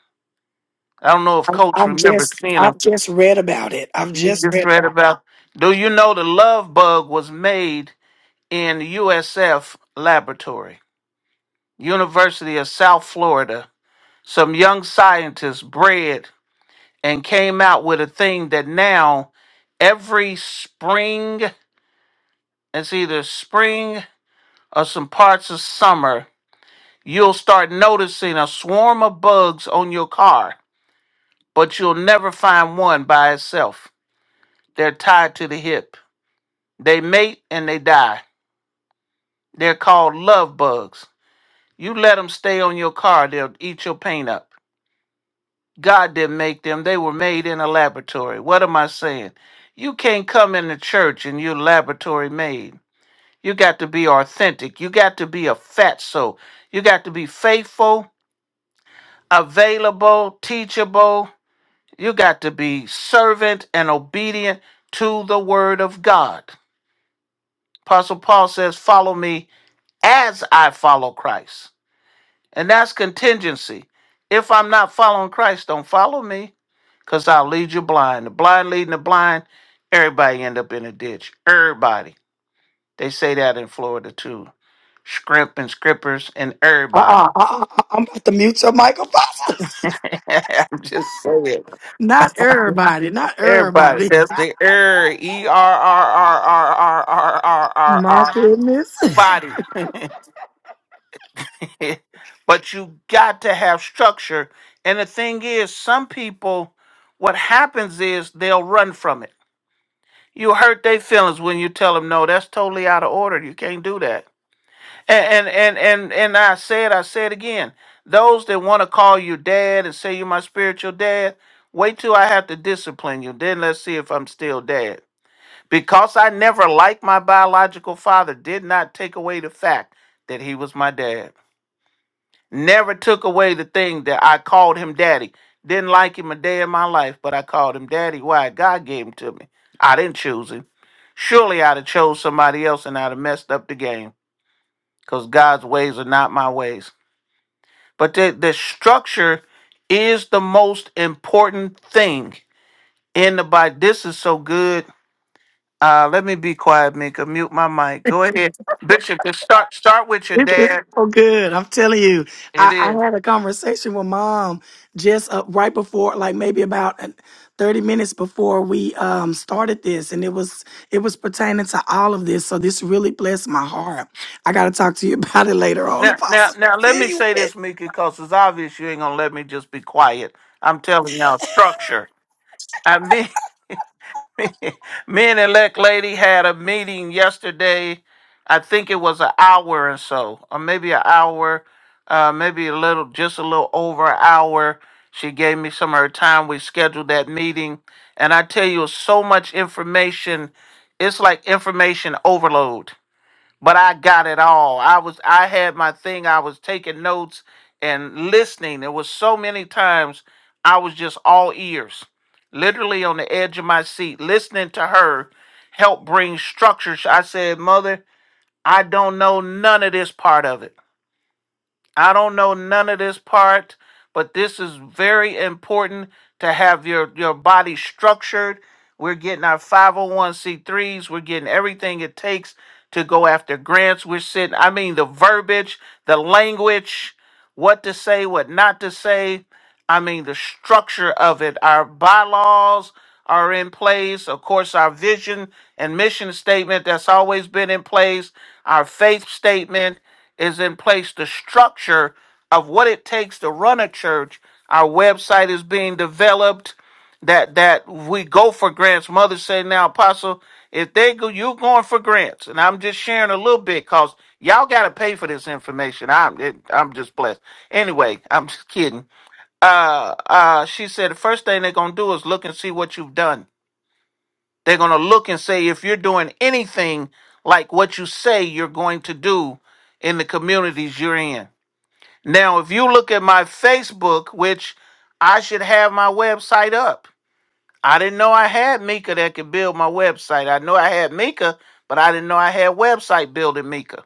I don't know if I- Coach I've remembers just seeing them. I've just read about it. I've You just just read read about it. about. Do you know the love bug was made in USF laboratory, University of South Florida? Some young scientists bred and came out with a thing that now every spring, it's either spring or some parts of summer, you'll start noticing a swarm of bugs on your car, but you'll never find one by itself. They're tied to the hip. They mate and they die. They're called love bugs. You let them stay on your car, they'll eat your paint up. God didn't make them, they were made in a laboratory. What am I saying? You can't come into church and you're laboratory made. You got to be authentic. You got to be a fatso. You got to be faithful available, teachable. You got to be servant and obedient to the word of God. Apostle Paul says, Follow me as I follow Christ. And that's contingency. If I'm not following Christ, don't follow me because I'll lead you blind. The blind leading the blind, everybody end up in a ditch. Everybody. They say that in Florida too. Scrimp and scrippers and everybody. Uh-uh, uh-uh, uh-uh. I'm about to mute your microphone. I'm just saying. Not everybody, not Everybody, everybody. that's the error. E R R R R R R R R My R goodness. body. but you got to have structure. And the thing is, some people, what happens is they'll run from it. You hurt their feelings when you tell them no. That's totally out of order. You can't do that. And and and and, and I said, I said again, those that want to call you dad and say you're my spiritual dad, wait till I have to discipline you. Then let's see if I'm still dad. Because I never liked my biological father did not take away the fact that he was my dad. Never took away the thing that I called him daddy. Didn't like him a day in my life, but I called him daddy. Why? God gave him to me. I didn't choose him. Surely I'd have chose somebody else and I'd have messed up the game. Because God's ways are not my ways. But the, the structure is the most important thing in the Bible. This is so good Uh, let me be quiet, Mika. Mute my mic. Go ahead, Bishop. Just start start with your It is dad. so good. I'm telling you. It I, I is had a conversation with mom just uh, right before, like maybe about uh, 30 minutes before we um, started this. And it was it was pertaining to all of this. So this really blessed my heart. I gotta talk to you about it later on, now, now, Apostle. now. Let Feel me say you this, Mika, because it's obvious you ain't gonna let me just be quiet. I'm telling y'all structure. I mean, Me and the elect lady had a meeting yesterday. I think it was an hour and so, or maybe an hour, uh, maybe a little, just a little over an hour. She gave me some of her time. We scheduled that meeting. And I tell you, so much information. It's like information overload but I got it all. I was I had my thing. I was taking notes and listening. There was so many times I was just all ears, literally on the edge of my seat, listening to her help bring structure. I said, "Mother, I don't know none of this part of it." I don't know none of this part, but this is very important to have your your body structured. We're getting our 501c3s, we're getting everything it takes to go after grants. We're sitting I mean the verbiage, the language, what to say, what not to say. I mean the structure of it. Our bylaws are in place. Of course, our vision and mission statement that's always been in place, our faith statement is in place, the structure of what it takes to run a church. Our website is being developed. That that we go for grants. Mother said, "Now, Apostle, if they go, you going for grants." And I'm just sharing a little bit because y'all got to pay for this information. I'm it, I'm just blessed. Anyway, I'm just kidding. Uh, uh, she said the first thing they're gonna do is look and see what you've done. They're going to look and say, if you're doing anything like what you say you're going to do in the communities you're in. Now, if you look at my Facebook, which I should have my website up, I didn't know I had Mika that could build my website. I know I had Mika, but I didn't know I had website building Mika.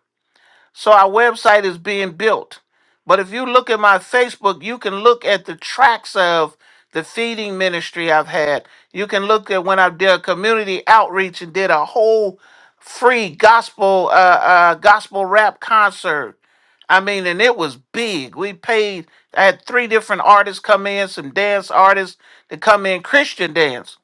So our website is being built. But if you look at my Facebook, you can look at the tracks of the feeding ministry I've had. You can look at when I did a community outreach and did a whole free gospel uh, uh, gospel rap concert. I mean, and it was big. We paid. I had three different artists come in, some dance artists to come in, Christian dance,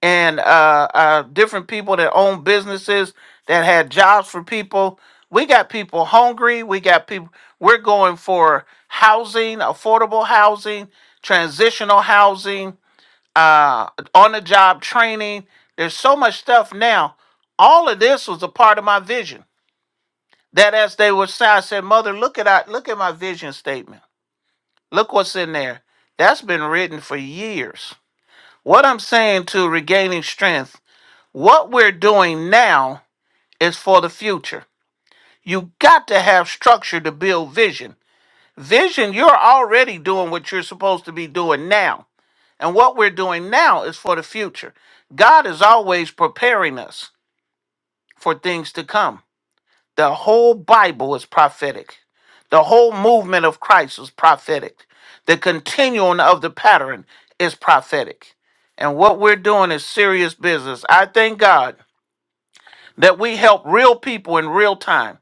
and uh, uh, different people that own businesses that had jobs for people we got people hungry. We got people. We're going for housing, affordable housing, transitional housing, uh, on the job training. There's so much stuff now. All of this was a part of my vision. That as they were saying, I said, "Mother, look at I, look at my vision statement. Look what's in there. That's been written for years." What I'm saying to regaining strength. What we're doing now is for the future. You got to have structure to build vision. Vision, you're already doing what you're supposed to be doing now. And what we're doing now is for the future. God is always preparing us for things to come. The whole Bible is prophetic. The whole movement of Christ is prophetic. The continuing of the pattern is prophetic. And what we're doing is serious business. I thank God that we help real people in real time.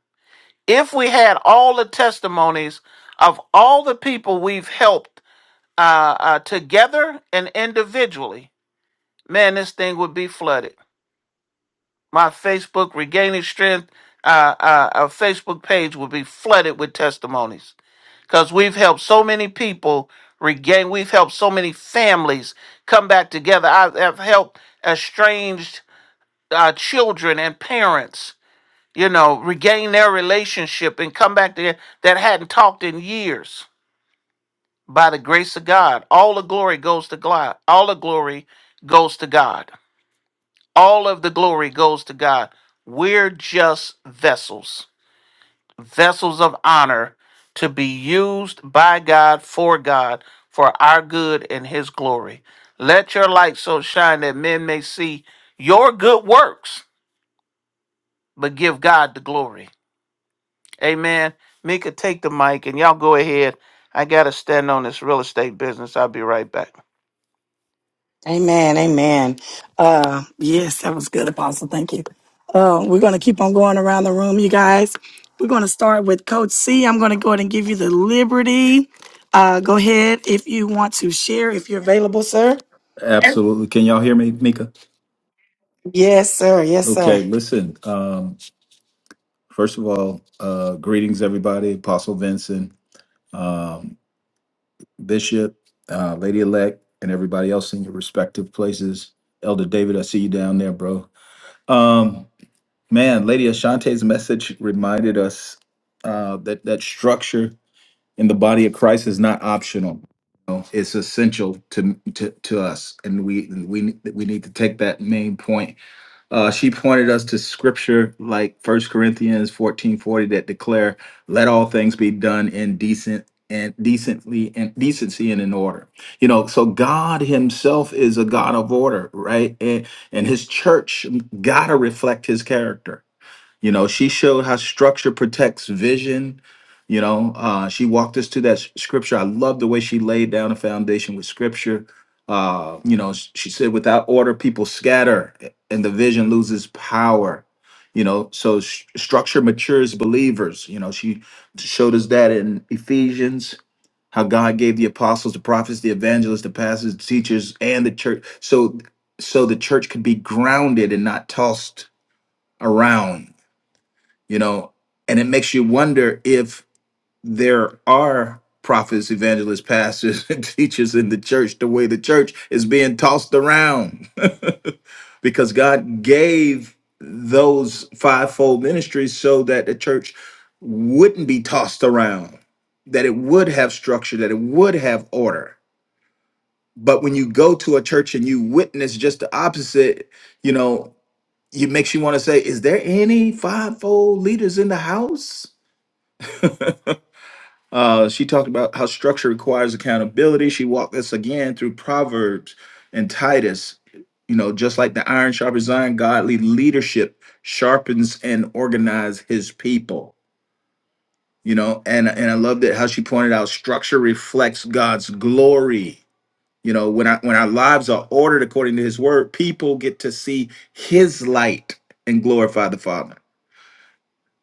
If we had all the testimonies of all the people we've helped uh, uh, together and individually, man, this thing would be flooded. My Facebook regaining strength, uh, uh, our Facebook page would be flooded with testimonies because we've helped so many people regain. We've helped so many families come back together. I've, I've helped estranged uh, children and parents, you know, regain their relationship and come back together that hadn't talked in years by the grace of God. All the glory goes to God. All the glory goes to God. All of the glory goes to God. We're just vessels, vessels of honor to be used by God for God for our good and his glory. Let your light so shine that men may see your good works, but give God the glory. Amen. Mika, take the mic and y'all go ahead. I got to stand on this real estate business. I'll be right back. Amen. Amen. Uh, yes, that was good, Apostle. Thank you. Uh, we're going to keep on going around the room, you guys. We're going to start with Coach C. I'm going to go ahead and give you the liberty. Uh, go ahead if you want to share, if you're available, sir. Absolutely. Can y'all hear me, Mika? Yes, sir. Yes, Okay, sir. listen. Um, first of all, uh, greetings, everybody. Apostle Vincent, um, Bishop, uh, Lady Elect, and everybody else in your respective places. Elder David, I see you down there, bro. Um, man, Lady Ashante's message reminded us uh, that that structure in the body of Christ is not optional. You know, It's essential to, to to us, and we we we need to take that main point Uh, she pointed us to scripture like First Corinthians 14 40, that declare, let all things be done in decent and decently and decency and in order. You know, so God Himself is a God of order, right? And and his church gotta reflect his character. You know, she showed how structure protects vision. You know, uh, she walked us to that s- scripture. I love the way she laid down a foundation with scripture. Uh, you know, s- she said, without order, people scatter a- and the vision loses power. You know, so s- structure matures believers. You know, she showed us that in Ephesians, how God gave the apostles, the prophets, the evangelists, the pastors, the teachers, and the church. So, so the church could be grounded and not tossed around you know and it makes you wonder if there are prophets evangelists pastors and teachers in the church the way the church is being tossed around because god gave those fivefold ministries so that the church wouldn't be tossed around that it would have structure that it would have order but when you go to a church and you witness just the opposite you know it makes you want to say is there any fivefold leaders in the house Uh, she talked about how structure requires accountability. She walked us again through Proverbs and Titus. You know, just like the iron sharpens iron, godly leadership sharpens and organizes his people. You know, and and I loved it how she pointed out structure reflects God's glory. You know, when I when our lives are ordered according to His word, people get to see His light and glorify the Father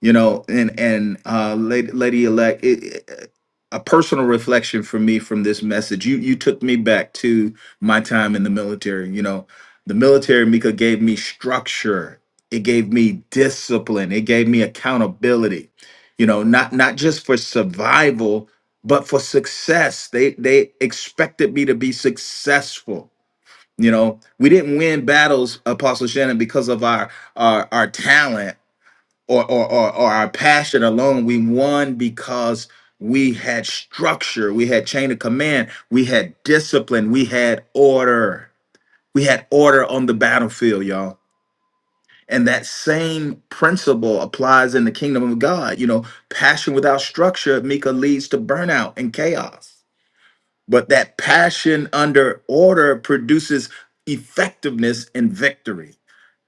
you know and and uh lady, lady elect it, it- a personal reflection for me from this message you you took me back to my time in the military you know the military mika gave me structure it gave me discipline it gave me accountability you know not not just for survival but for success they they expected me to be successful you know we didn't win battles apostle shannon because of our our, our talent or or or, or our passion alone. We won because we had structure, we had chain of command, we had discipline, we had order. We had order on the battlefield, y'all. And that same principle applies in the kingdom of God. You know, passion without structure, Mika, leads to burnout and chaos. But that passion under order produces effectiveness and victory.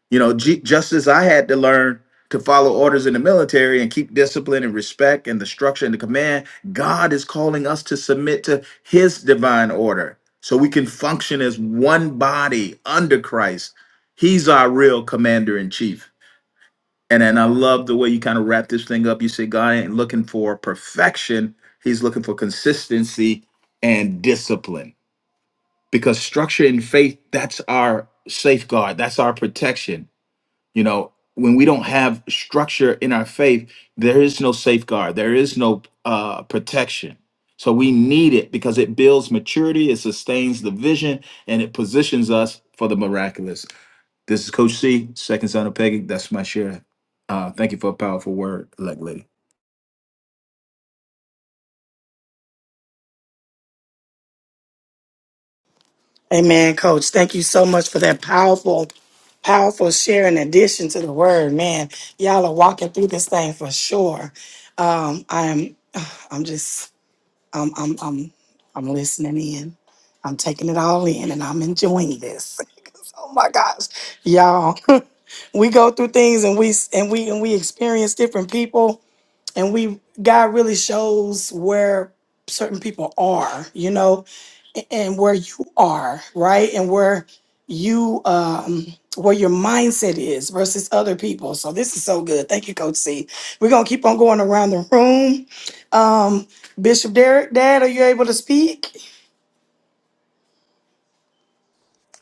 You know, G- just as I had to learn to follow orders in the military and keep discipline and respect and the structure and the command, God is calling us to submit to his divine order so we can function as one body under Christ. He's our real commander in chief. And and I love the way you kind of wrap this thing up. You say God ain't looking for perfection, he's looking for consistency and discipline. Because structure and faith, that's our safeguard, that's our protection you know, when we don't have structure in our faith, there is no safeguard, there is no uh, protection. So we need it because it builds maturity, it sustains the vision, and it positions us for the miraculous. This is Coach C, second son of Peggy. That's my share. Uh, thank you for a powerful word, elect lady. Amen, Coach. Thank you so much for that powerful, powerful share in addition to the word. Man, y'all are walking through this thing for sure. Um, I'm, I'm just I'm I'm I'm I'm listening in. I'm taking it all in and I'm enjoying this. 'Cause, oh my gosh, y'all. we go through things and we s- and we and we experience different people and we God really shows where certain people are, you know, a- and where you are, right? And where you um where your mindset is versus other people. So this is so good. Thank you, Coach C. We're gonna keep on going around the room. Um, Bishop Derek, Dad, are you able to speak?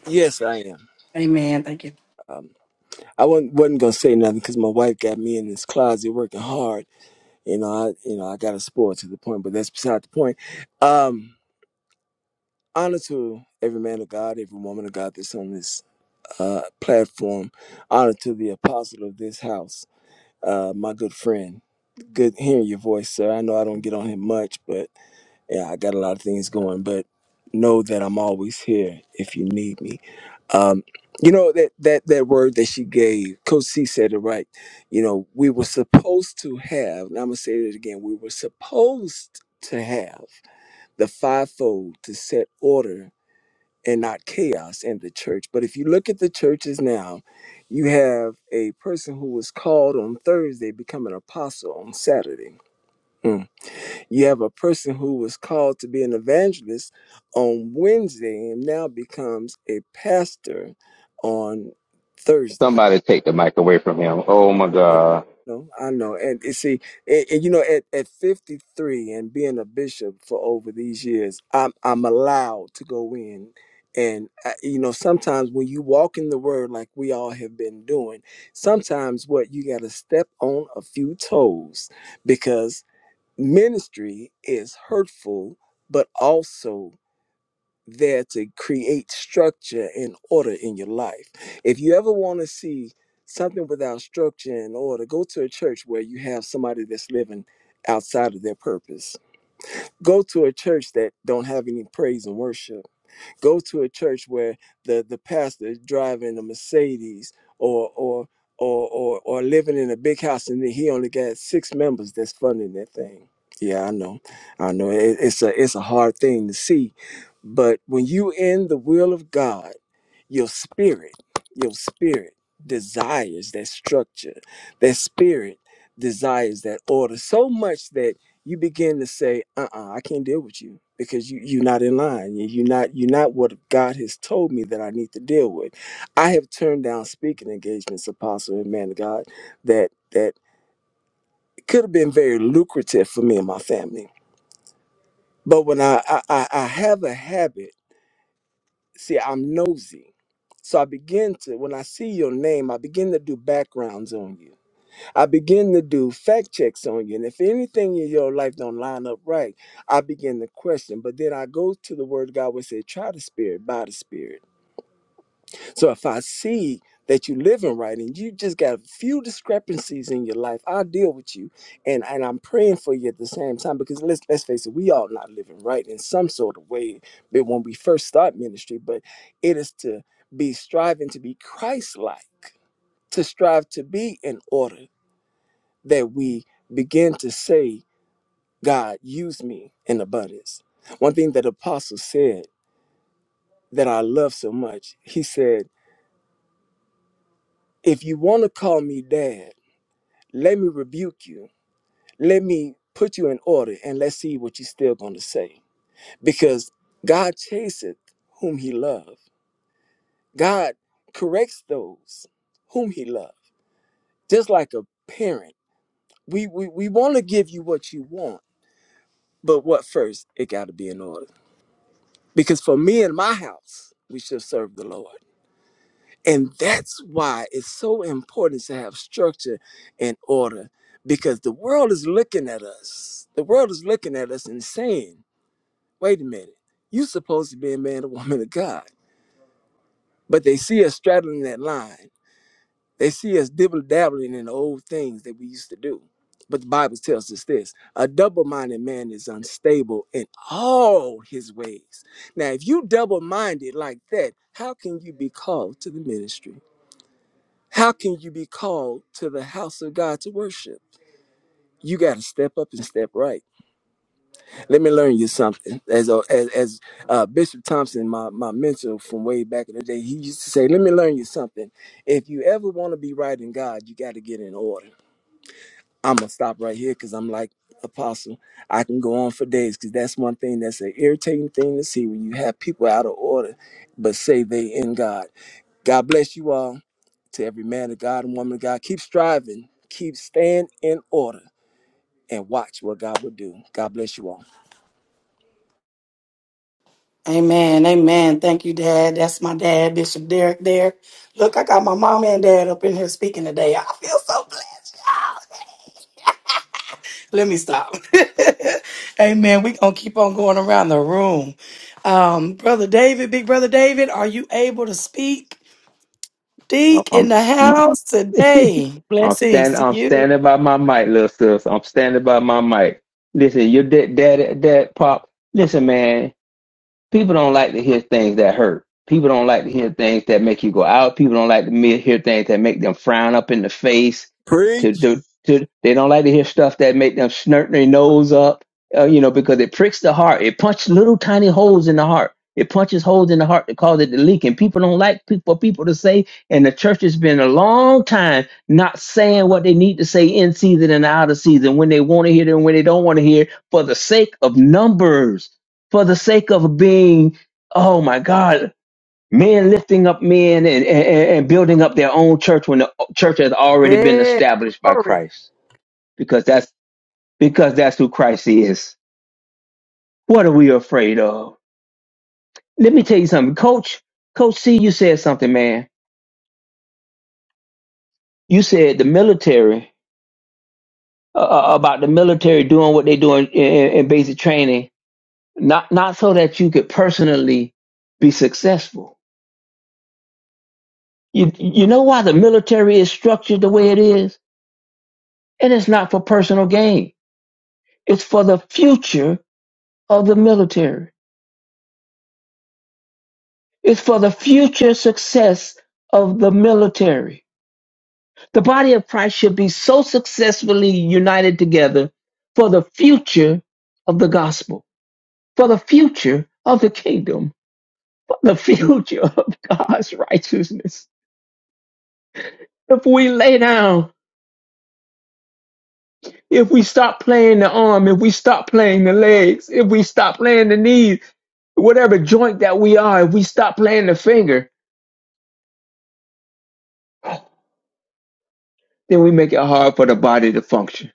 Yes, I am. Amen. Thank you. Um, I wasn't, wasn't gonna say nothing because my wife got me in this closet working hard. You know, I you know I got to spoil to the point, but that's beside the point. Um, honor to every man of God, every woman of God that's on this uh, platform. Honor to the apostle of this house, uh, my good friend. Good hearing your voice, sir. I know I don't get on him much, but yeah, I got a lot of things going, but know that I'm always here if you need me. Um, you know that that that word that she gave, Coach C said it right. You know, we were supposed to have, and I'm gonna say it again, we were supposed to have the fivefold to set order and not chaos in the church. But if you look at the churches now, you have a person who was called on Thursday become an apostle on Saturday. Mm-hmm. You have a person who was called to be an evangelist on Wednesday and now becomes a pastor on Thursday. Somebody take the mic away from him. Oh my No, God. no, I know. And you see, and, and you know, at, at 53 and being a bishop for over these years, I'm, I'm allowed to go in. And, I, you know, sometimes when you walk in the word like we all have been doing, sometimes what you got to step on a few toes because ministry is hurtful, but also there to create structure and order in your life. If you ever want to see something without structure and order, go to a church where you have somebody that's living outside of their purpose. Go to a church that don't have any praise and worship Go to a church where the the pastor is driving a Mercedes or or or or, or living in a big house and he only got six members that's funding that thing. Yeah, I know, I know. It, it's a it's a hard thing to see, but when you in the will of God your spirit your spirit desires that structure that spirit desires that order so much that you begin to say uh-uh i can't deal with you because you you're not in line You- you're not you're not what god has told me that i need to deal with i have turned down speaking engagements apostle and man of god that that could have been very lucrative for me and my family but when i i i I have a habit see, I'm nosy. So I begin to, when I see your name, I begin to do backgrounds on you. I begin to do fact checks on you. And if anything in your life don't line up right, I begin to question. But then I go to the word of God which said, try the spirit by the spirit. So if I see that you're living right and you just got a few discrepancies in your life, I'll deal with you. And and I'm praying for you at the same time because let's let's face it, we all not living right in some sort of way but when we first start ministry, but it is to be striving to be Christ-like, to strive to be in order that we begin to say, God, use me in abundance. One thing that apostle said that I love so much, he said, if you want to call me dad Let me rebuke you. Let me put you in order and let's see what you're still going to say. Because God chaseth whom he loves. God corrects those whom he loves. Just like a parent, we, we, we want to give you what you want, but what first? It got to be in order. Because for me and my house, we should serve the Lord. And that's why it's so important to have structure and order because the world is looking at us. The world is looking at us and saying, wait a minute, you're supposed to be a man, or woman of God. But they see us straddling that line. They see us dibble dabbling in the old things that we used to do. But the Bible tells us this a double minded man is unstable in all his ways. Now, if you double minded like that, how can you be called to the ministry? How can you be called to the house of God to worship? You got to step up and step right. Let me learn you something. As a- as, as uh, Bishop Thompson, my, my mentor from way back in the day, he used to say, "Let me learn you something. If you ever want to be right in God, you got to get in order." I'm gonna stop right here because I'm like Apostle. I can go on for days because that's one thing that's an irritating thing to see when you have people out of order, but say they in God. God bless you all. to every man of God and woman of God. Keep striving, keep staying in order, and watch what God will do. God bless you all. Amen, amen. Thank you, Dad. That's my dad, Bishop Derek. There. Look, I got my mom and dad up in here speaking today. I feel so blessed. Let me stop. amen. We gonna keep on going around the room. Um, brother David, big brother David, are you able to speak? Deek I'm in the I'm, house today. I'm Blessings standing to I'm you. standing by my mic, little sis. I'm standing by my mic. Listen, your dad dad dad pop. Listen, man. People don't like to hear things that hurt. People don't like to hear things that make you go out. People don't like to me- hear things that make them frown up in the face. To Preach. do, to they don't like to hear stuff that make them snort their nose up. Uh, you know, because it pricks the heart. It punches little tiny holes in the heart. It punches holes in the heart that cause it to leak. And people don't like pe- for people to say. And the church has been a long time not saying what they need to say in season and out of season when they want to hear it and when they don't want to hear it for the sake of numbers for the sake of being, oh my God, men lifting up men and, and, and building up their own church when the church has already been Yes, established by glory. Christ. Because that's because that's who Christ is. What are we afraid of? Let me tell you something, Coach. Coach C, you said something, man. You said the military uh, uh, about the military doing what they doing in, in basic training, not not so that you could personally be successful. You you know why the military is structured the way it is? And it's not for personal gain. It's for the future of the military. It's for the future success of the military. The body of Christ should be so successfully united together for the future of the gospel, for the future of the kingdom, for the future of God's righteousness. If we lay down, if we stop playing the arm, if we stop playing the legs, if we stop playing the knees, whatever joint that we are, if we stop playing the finger, then we make it hard for the body to function.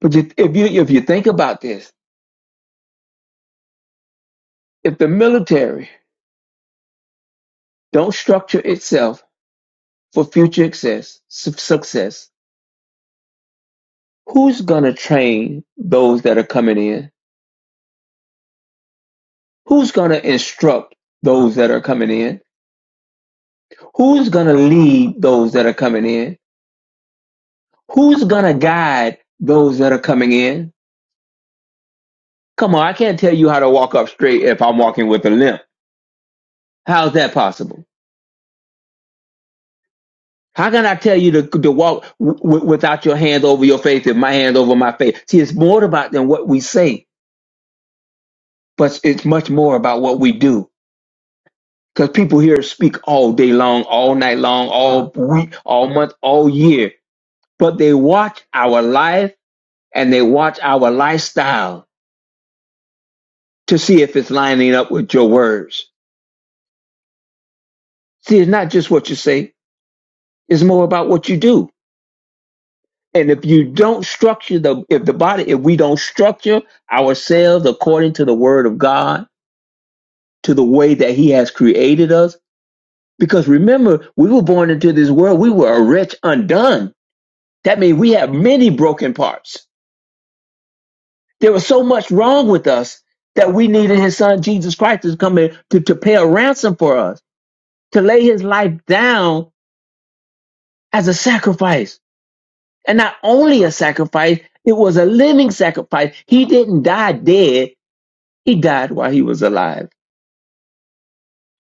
But if you if you think about this, if the military don't structure itself for future success, success, who's gonna train those that are coming in? Who's gonna instruct those that are coming in? Who's gonna lead those that are coming in? Who's gonna guide those that are coming in? Come on, I can't tell you how to walk up straight if I'm walking with a limp. How's that possible? How can I tell you to, to walk w- w- without your hand over your face and my hand over my face? See, it's more about than what we say, but it's much more about what we do. Because people here speak all day long, all night long, all week, all month, all year, but they watch our life and they watch our lifestyle to see if it's lining up with your words. See, it's not just what you say; it's more about what you do. And if you don't structure the, if the body, if we don't structure ourselves according to the word of God, to the way that he has created us, because remember, we were born into this world, we were a wretch undone. That means we have many broken parts. There was so much wrong with us that we needed his son, Jesus Christ, to come in to, to pay a ransom for us, to lay his life down as a sacrifice. And not only a sacrifice, it was a living sacrifice. He didn't die dead He died while he was alive,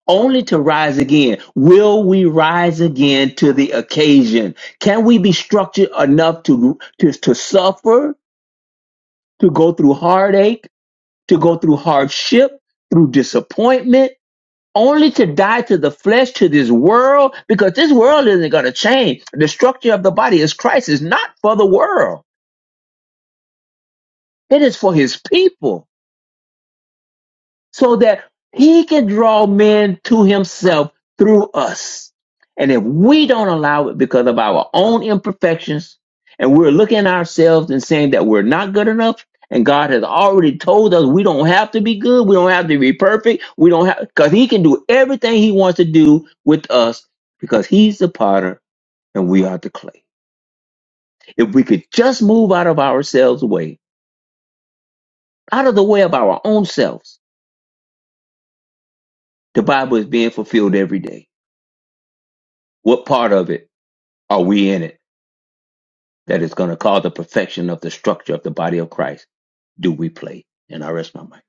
only to rise again. Will we rise again to the occasion? Can we be structured enough to, to, to suffer, to go through heartache, to go through hardship, through disappointment? Only to die to the flesh, to this world, because this world isn't going to change. The structure of the body is Christ is not for the world. It is for his people. so that he can draw men to himself through us. And if we don't allow it because of our own imperfections, and we're looking at ourselves and saying that we're not good enough, and God has already told us we don't have to be good, we don't have to be perfect, we don't have because he can do everything he wants to do with us because he's the potter and we are the clay. If we could just move out of ourselves way, out of the way of our own selves, the Bible is being fulfilled every day. What part of it? Are we in it? That is going to cause the perfection of the structure of the body of Christ. Do we play? And I rest my mind.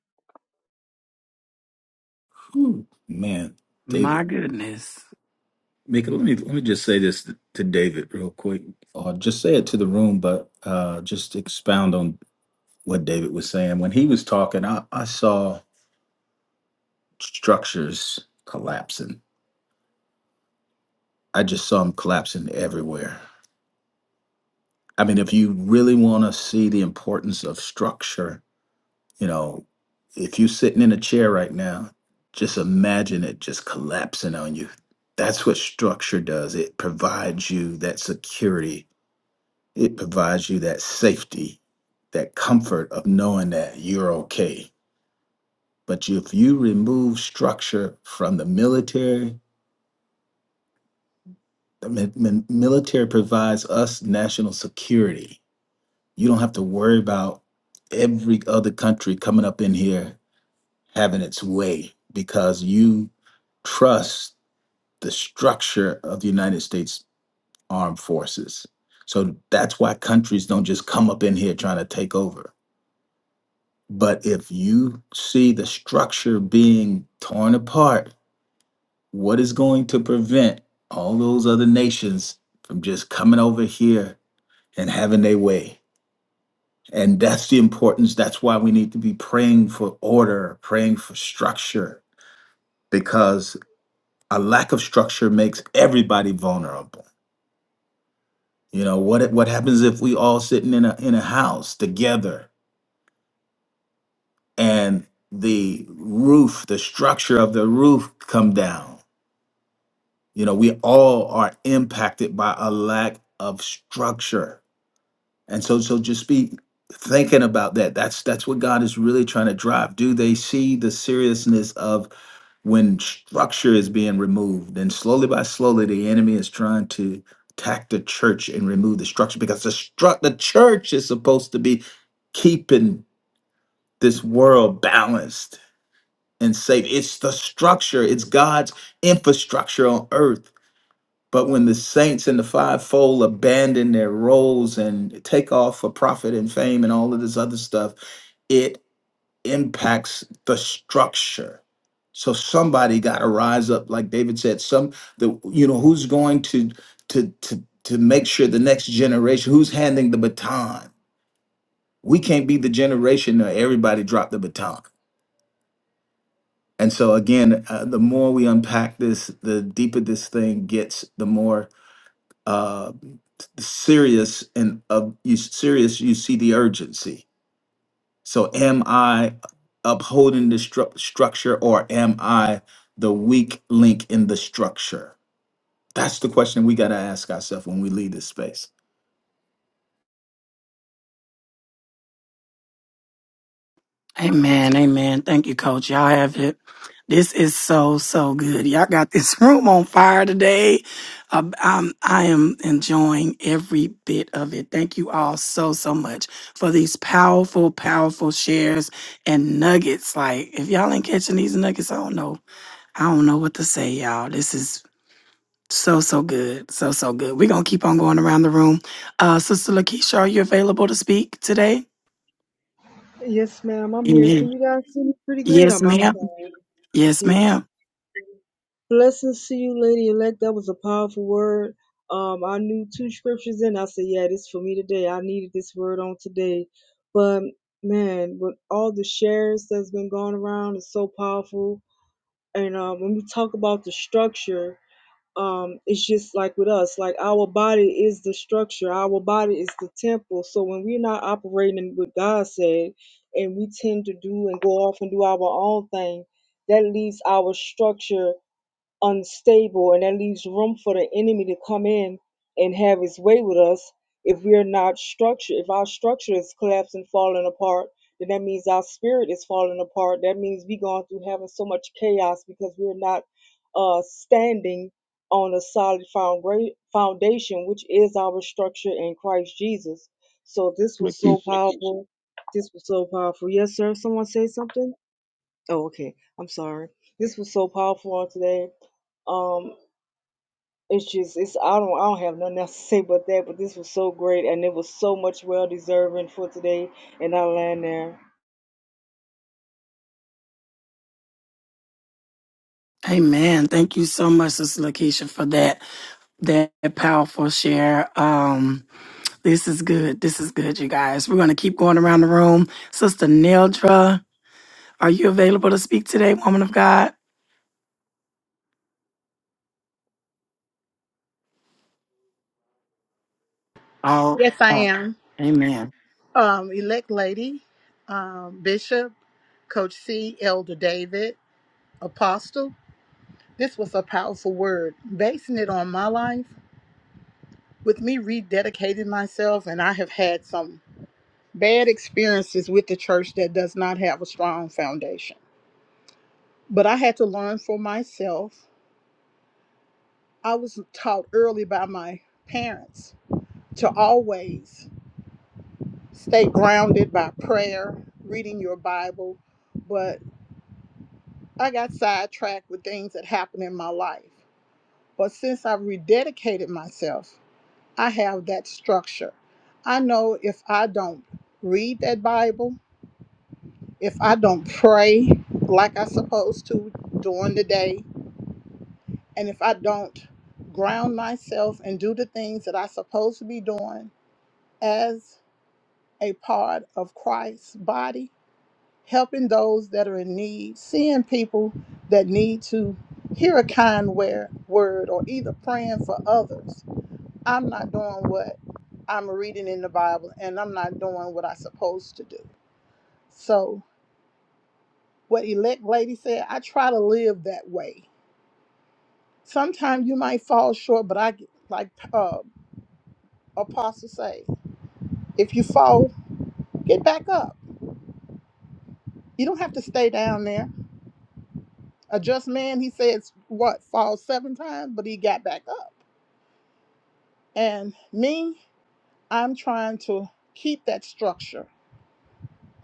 Whew, man, My David. goodness. Mika, let me let me just say this to David real quick, or just say it to the room, but uh, just expound on what David was saying. When he was talking, I, I saw structures collapsing. I just saw them collapsing everywhere. I mean, if you really want to see the importance of structure, you know, if you're sitting in a chair right now, just imagine it just collapsing on you. That's what structure does. It provides you that security, it provides you that safety, that comfort of knowing that you're okay. But if you remove structure from the military, The mi- mi- military provides us national security. You don't have to worry about every other country coming up in here having its way because you trust the structure of the United States Armed Forces. So that's why countries don't just come up in here trying to take over. But if you see the structure being torn apart, what is going to prevent all those other nations from just coming over here and having their way. And that's the importance. That's why we need to be praying for order, praying for structure, because a lack of structure makes everybody vulnerable. You know what? What happens if we all sitting in a in a house together and the roof, the structure of the roof, come down? You know, we all are impacted by a lack of structure And so, so just be thinking about that. That's that's what God is really trying to drive. Do they see the seriousness of when structure is being removed, and slowly by slowly, the enemy is trying to attack the church and remove the structure because the struct the church is supposed to be keeping this world balanced and safe. It's the structure. It's God's infrastructure on earth but when the saints in the fivefold abandon their roles and take off for profit and fame and all of this other stuff, it impacts the structure. So somebody got to rise up, like David said. Some the you know who's going to to to to make sure the next generation who's handing the baton. We can't be the generation that everybody dropped the baton. And so again, uh, the more we unpack this, the deeper this thing gets. The more uh, serious and uh, you serious you see the urgency so am i upholding the stru- structure or am i the weak link in the structure that's the question we got to ask ourselves when we leave this space Amen, amen. Thank you, Coach. Y'all have it. This is so so good. Y'all got this room on fire today. Uh, I'm I am enjoying every bit of it. Thank you all so so much for these powerful powerful shares and nuggets. Like if y'all ain't catching these nuggets, I don't know. I don't know what to say, y'all. This is so so good, so so good. We're gonna keep on going around the room. Uh, Sister Lakeisha, are you available to speak today? Yes, ma'am. I'm here. Can Amen. you guys see me pretty good? Yes, I'm ma'am. outside. Yes, Okay. ma'am. Blessings to you, lady elect. That was a powerful word. Um, I knew two scriptures in. I said, yeah, this for me today. I needed this word on today. But man, with all the shares that's been going around, it's so powerful. And uh, when we talk about the structure um it's just like with us like our body is the structure our body is the temple so when we're not operating in what god said and we tend to do and go off and do our own thing that leaves our structure unstable, and that leaves room for the enemy to come in and have his way with us if we're not structured. If our structure is collapsing, falling apart, then that means our spirit is falling apart. That means we're going through having so much chaos because we're not uh, standing on a solid founda- foundation, which is our structure in Christ Jesus. So this was Lakeisha. so powerful. This was so powerful. Yes, sir. Someone say something? Oh, okay. I'm sorry. This was so powerful on today. Um, it's just it's I don't I don't have nothing else to say but that. But this was so great, and it was so much well deserving for today, and I land there. Amen. Thank you so much, Sister Lakeisha, for that that powerful share. Um, this is good. This is good, you guys. We're gonna keep going around the room. Sister Neldra, are you available to speak today, woman of God? Oh, Yes, I oh, am. amen. Um, elect lady, um, bishop, coach C, elder David, apostle. This was a powerful word. Basing it on my life, with me rededicating myself, and I have had some bad experiences with the church that does not have a strong foundation. But I had to learn for myself. I was taught early by my parents to always stay grounded by prayer, reading your Bible, but I got sidetracked with things that happened in my life. But since I've rededicated myself, I have that structure. I know if I don't read that Bible, if I don't pray like I supposed to during the day, and if I don't ground myself and do the things that I supposed to be doing as a part of Christ's body, helping those that are in need, seeing people that need to hear a kind wer- word, or either praying for others. I'm not doing what I'm reading in the Bible, and I'm not doing what I'm supposed to do. So, what elect lady said, I try to live that way. Sometimes you might fall short, but I like uh, Apostle say, if you fall, get back up. You don't have to stay down there. A just man, he says, what fall seven times, but he got back up. And me, I'm trying to keep that structure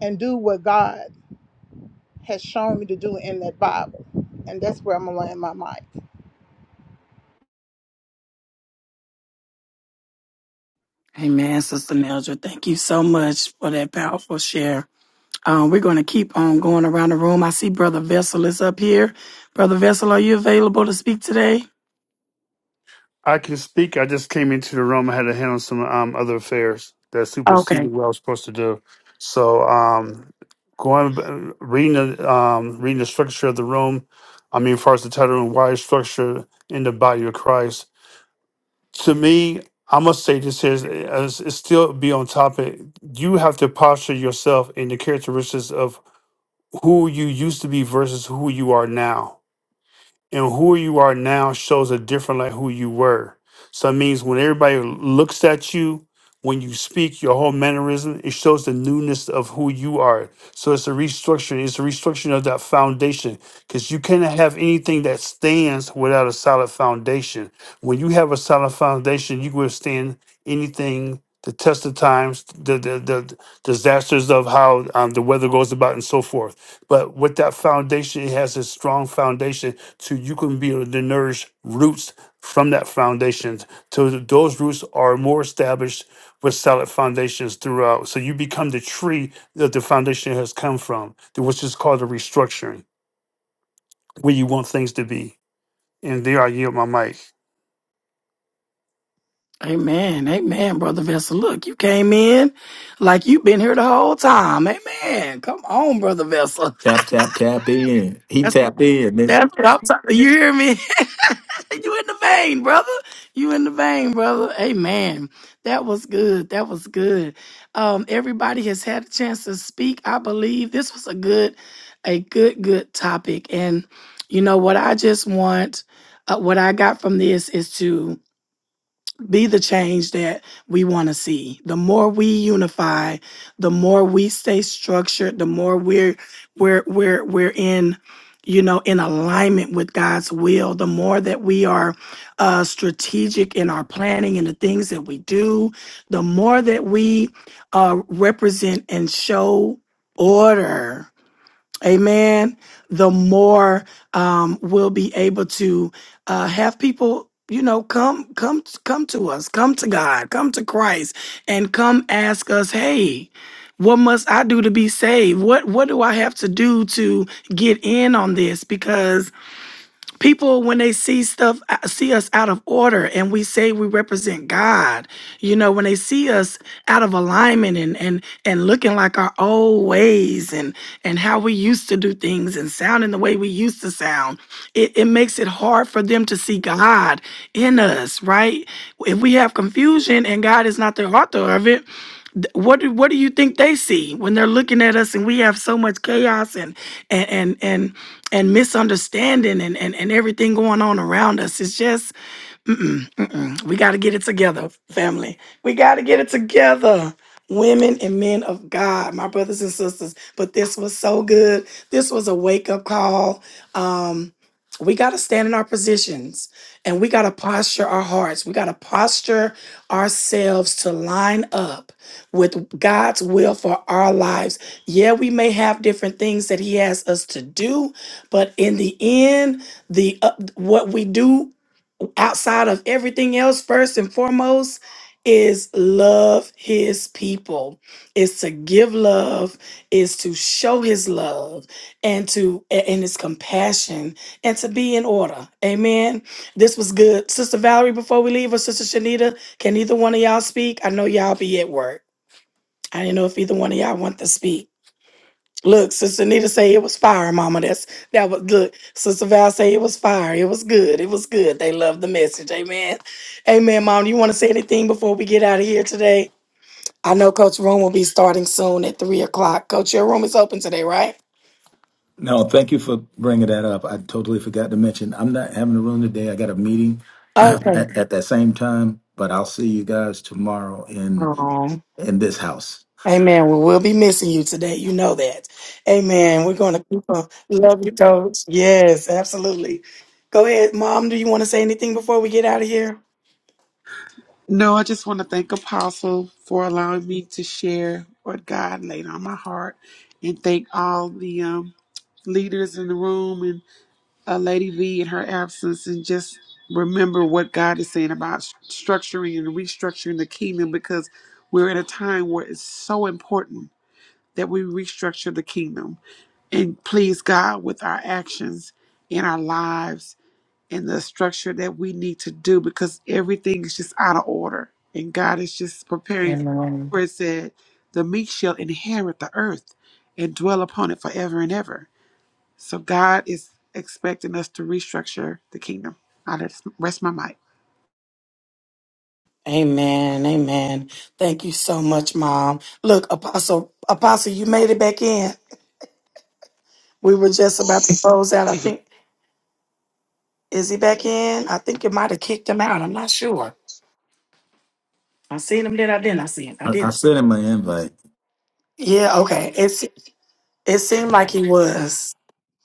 and do what God has shown me to do in that Bible. And that's where I'm going to land my mic. Amen, Sister Neldra. Thank you so much for that powerful share. Um, we're gonna keep on going around the room. I see Brother Vessel is up here. Brother Vessel, are you available to speak today? I can speak. I just came into the room. I had to handle some um, other affairs that Okay. superseded what I was supposed to do. So, um, going uh, reading the um, reading the structure of the room. I mean, as far as the title and why structure in the body of Christ. To me, I must say this here: as it still be on topic. You have to posture yourself in the characteristics of who you used to be versus who you are now and who you are now shows a different like who you were. So it means when everybody looks at you, when you speak, your whole mannerism, it shows the newness of who you are. So it's a restructuring. It's a restructuring of that foundation because you cannot have anything that stands without a solid foundation. When you have a solid foundation, you can withstand anything, the test of times, the the, the disasters of how um, the weather goes about, and so forth. But with that foundation, it has a strong foundation so you can be able to nourish roots from that foundation. So th- those roots are more established with solid foundations throughout. So you become the tree that the foundation has come from, th- which is called a restructuring, where you want things to be. And there I yield my mic. Amen. Amen, Brother Vessel. Look, you came in like you've been here the whole time. Amen. Come on, Brother Vessel. tap tap tap in he That's, tapped in then- that's what I'm talking You hear me? you in the vein, brother. You in the vein, brother. Amen. That was good. That was good. Um, everybody has had a chance to speak. I believe this was a good, a good, good topic. And you know what I just want, uh, what I got from this is to be the change that we want to see. The more we unify, the more we stay structured, the more we're we're we're we're in you know in alignment with God's will, the more that we are uh strategic in our planning and the things that we do, the more that we uh represent and show order Amen. The more um, we'll be able to uh, have people, you know, come, come, come to us, come to God, come to Christ, and come ask us, hey, what must I do to be saved? What What do I have to do to get in on this? Because people when they see stuff uh, see us out of order and we say we represent god you know when they see us out of alignment and and and looking like our old ways and and how we used to do things and sounding the way we used to sound it, it makes it hard for them to see god in us right if we have confusion and god is not the author of it th- what do- what do you think they see when they're looking at us and we have so much chaos and and and and, and misunderstanding and, and and everything going on around us it's just Mm-mm, mm-mm. We got to get it together, family. We got to get it together, women and men of God, my brothers and sisters. But this was so good. This was a wake up call. Um, we got to stand in our positions and we got to posture our hearts. We got to posture ourselves to line up with God's will for our lives. Yeah, we may have different things that He has us to do, but in the end, the uh, what we do outside of everything else, first and foremost, is love his people, is to give love, is to show his love and to a- and his compassion and to be in order. Amen. This was good. Sister Valerie, before we leave, or Sister Shanita, can either one of y'all speak? I know y'all be at work. I didn't know if either one of y'all want to speak. Look, Sister Nita say it was fire, Mama. That's that was look. Sister Val say it was fire. It was good. It was good. They love the message. Amen. Amen, Mom. You want to say anything before we get out of here today? I know Coach Room will be starting soon at three o'clock. Coach, your room is open today, right? No, thank you for bringing that up. I totally forgot to mention I'm not having a room today. I got a meeting Okay. at, at that same time, but I'll see you guys tomorrow in Um, in this house. amen. We will be missing you today. You know that. Amen. We're gonna keep on. Love you, Coach. Yes, absolutely. Go ahead, Mom. Do you want to say anything before we get out of here? No, I just want to thank Apostle for allowing me to share what God laid on my heart and thank all the um, leaders in the room and uh, Lady V in her absence and just remember what God is saying about s- structuring and restructuring the kingdom because we're in a time where it's so important that we restructure the kingdom and please God with our actions in our lives and the structure that we need to do because everything is just out of order. And God is just preparing where it said, the meek shall inherit the earth and dwell upon it forever and ever. So God is expecting us to restructure the kingdom. I just rest my mic. Amen. Amen. Thank you so much, Mom. Look, Apostle, Apostle, you made it back in. We were just about to close out. I think is he back in? I think you might have kicked him out. I'm not sure. I seen him. Did I? Didn't I see him? I I, I didn't. sent him an invite. Yeah. Okay. It's it seemed like he was.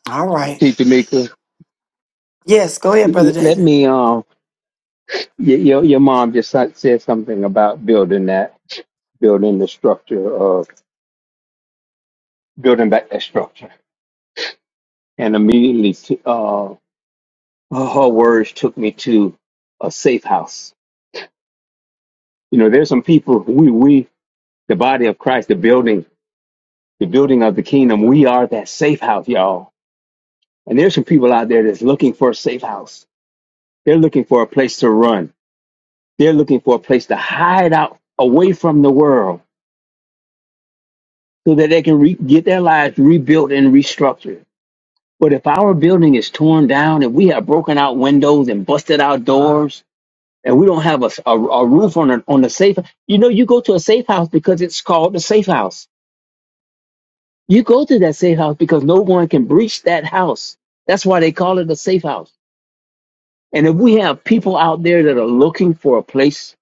All right. Keisha Mika, Yes. Go ahead, l- brother let David. me, um, y- your, your mom just sa- said something about building that, building the structure of, building back that structure. And immediately, t- uh, her words took me to a safe house. You know, there's some people, we, we, the body of Christ, the building, the building of the kingdom, we are that safe house, y'all And there's some people out there that's looking for a safe house. They're looking for a place to run. They're looking for a place to hide out away from the world so that they can re- get their lives rebuilt and restructured. But if our building is torn down if we have broken out windows and busted out doors and we don't have a, a, a roof on, a, on the safe, you know, you go to a safe house because it's called the safe house. You go to that safe house because no one can breach that house. That's why they call it a safe house. And if we have people out there that are looking for a place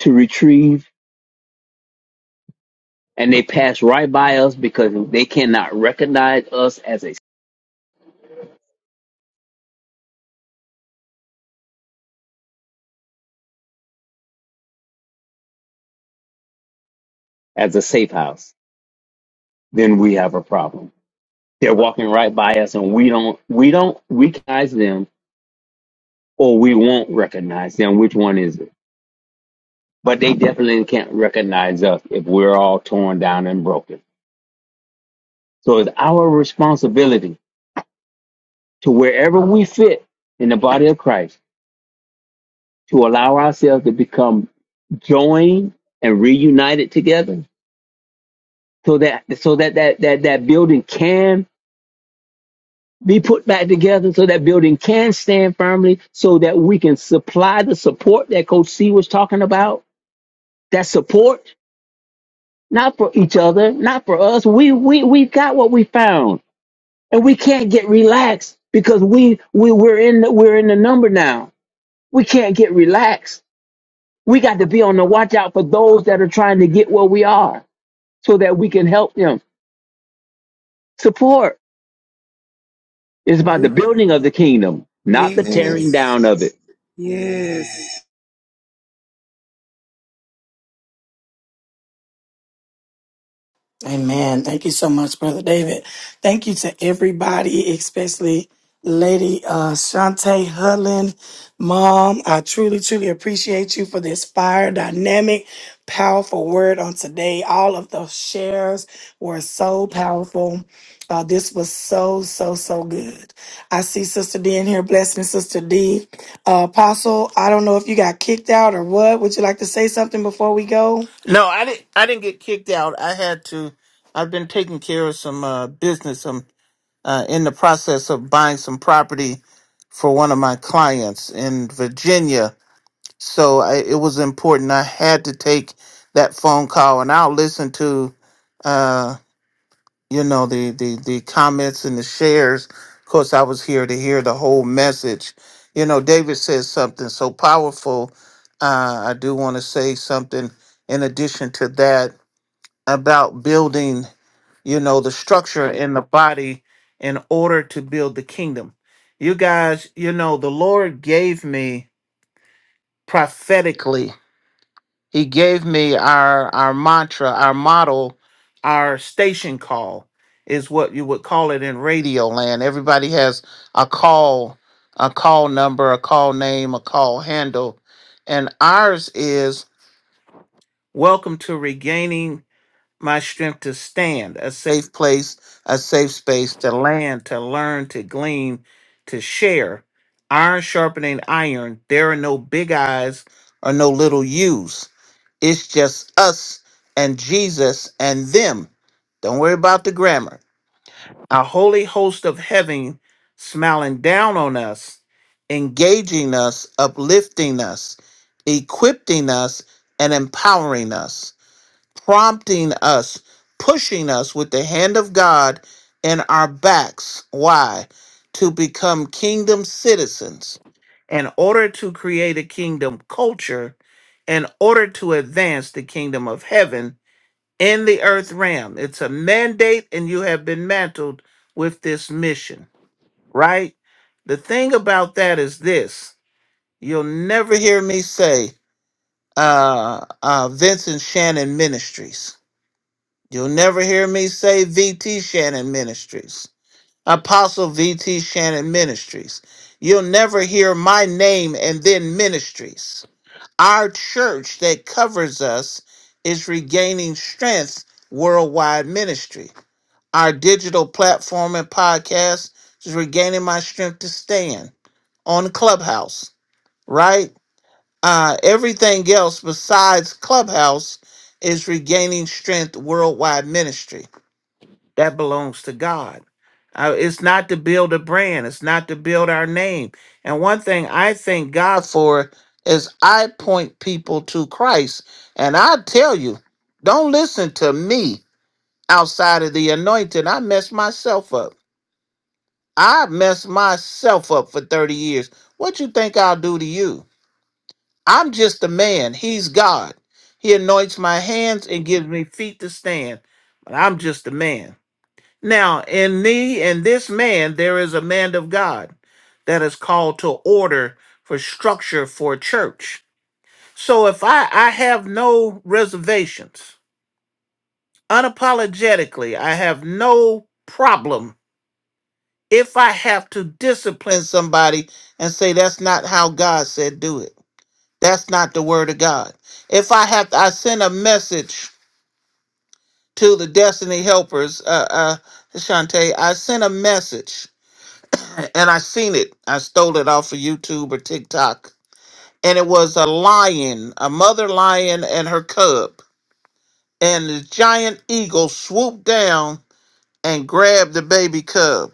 to retrieve and they pass right by us because they cannot recognize us as a as a safe house, then we have a problem. They're walking right by us and we don't we don't recognize them or we won't recognize them. Which one is it? But they definitely can't recognize us if we're all torn down and broken. So it's our responsibility to wherever we fit in the body of Christ to allow ourselves to become joined and reunited together so that so that that that, that building can be put back together so that building can stand firmly so that we can supply the support that coach c was talking about that support not for each other not for us we we we got what we found and we can't get relaxed because we we we're in the, we're in the number now we can't get relaxed we got to be on the watch out for those that are trying to get where we are so that we can help them. Support is about the building of the kingdom, not the tearing Yes. down of it. Yes. Amen. Thank you so much, Brother David. Thank you to everybody, especially Lady uh, Shante Hudlin. Mom, I truly, truly appreciate you for this fire dynamic, powerful word on today. All of the shares were so powerful. Uh, this was so, so, so good. I see Sister D in here. Blessing Sister D. Uh, Apostle, I don't know if you got kicked out or what. Would you like to say something before we go? No, I didn't. I didn't get kicked out. I had to. I've been taking care of some uh, business. I'm uh, in the process of buying some property for one of my clients in Virginia. So I, it was important. I had to take that phone call, and I'll listen to, uh, you know, the, the the comments and the shares. Of course, I was here to hear the whole message. You know, David says something so powerful. Uh, I do want to say something in addition to that about building, you know, the structure in the body in order to build the kingdom. You guys, you know, the Lord gave me prophetically. He gave me our our mantra, our model, our station call is what you would call it in radio land. Everybody has a call, a call number, a call name, a call handle. And ours is welcome to regaining my strength to stand, a safe place, a safe space to land, to learn, to glean, to share. Iron sharpening iron, there are no big eyes or no little U's. It's just us and Jesus and them. Don't worry about the grammar. A holy host of heaven smiling down on us, engaging us, uplifting us, equipping us, and empowering us prompting us, pushing us with the hand of God in our backs. Why? To become kingdom citizens in order to create a kingdom culture, in order to advance the kingdom of heaven in the earth realm. It's a mandate, and you have been mantled with this mission, right? The thing about that is this you'll never hear me say, uh, uh, Vincent Shannon Ministries You'll never hear me say VT Shannon Ministries, Apostle VT Shannon Ministries. You'll never hear my name and then ministries. Our church that covers us is regaining strength worldwide ministry. Our digital platform and podcast is regaining my strength to stand on Clubhouse, right? Uh, everything else besides Clubhouse is regaining strength worldwide ministry that belongs to God. Uh, it's not to build a brand. It's not to build our name. And one thing I thank God for is I point people to Christ. And I tell you, don't listen to me outside of the anointing. I messed myself up. I messed myself up for 30 years. What you think I'll do to you? I'm just a man. He's God. He anoints my hands and gives me feet to stand. But I'm just a man. Now, in me and this man, there is a man of God that is called to order for structure for church. So if I, I have no reservations, unapologetically, I have no problem if I have to discipline somebody and say that's not how God said do it. That's not the word of God. If I have, I send a message to the Destiny Helpers, uh, uh, Shante. I sent a message and I seen it. I stole it off of YouTube or TikTok. And it was a lion, a mother lion and her cub. And the giant eagle swooped down and grabbed the baby cub.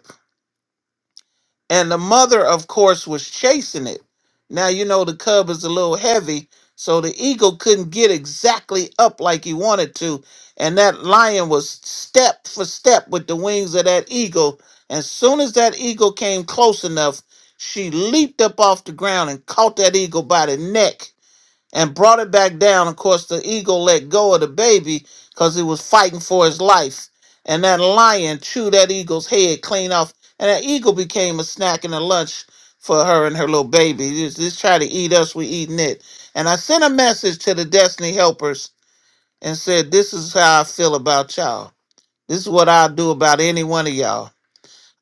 And the mother, of course, was chasing it. Now, you know, the cub is a little heavy, so the eagle couldn't get exactly up like he wanted to. And that lion was step for step with the wings of that eagle. As soon as that eagle came close enough, she leaped up off the ground and caught that eagle by the neck and brought it back down. Of course, the eagle let go of the baby because he was fighting for his life. And that lion chewed that eagle's head clean off. And that eagle became a snack and a lunch for her and her little baby. Just, just try to eat us, we eating it. And I sent a message to the Destiny Helpers and said, This is how I feel about y'all. This is what I'll do about any one of y'all.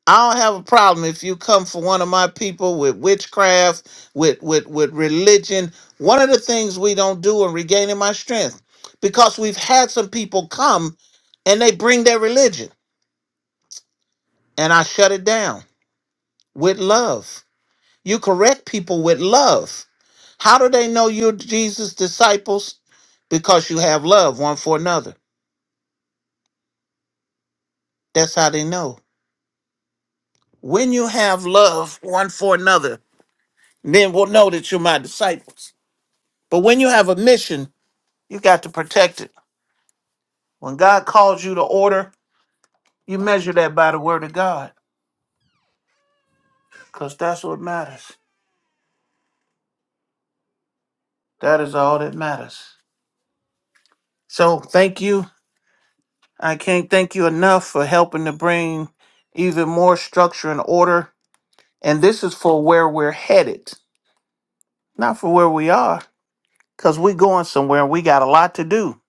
I don't have a problem if you come for one of my people with witchcraft, with with with religion. One of the things we don't do in regaining my strength, because we've had some people come and they bring their religion, and I shut it down with love. You correct people with love. How do they know you're Jesus' disciples? Because you have love one for another. That's how they know. When you have love one for another, then we'll know that you're my disciples. But when you have a mission You got to protect it. When God calls you to order, you measure that by the word of God because that's what matters. That is all that matters. So thank you. I can't thank you enough for helping to bring even more structure and order. And this is for where we're headed, not for where we are, because we're going somewhere and we got a lot to do.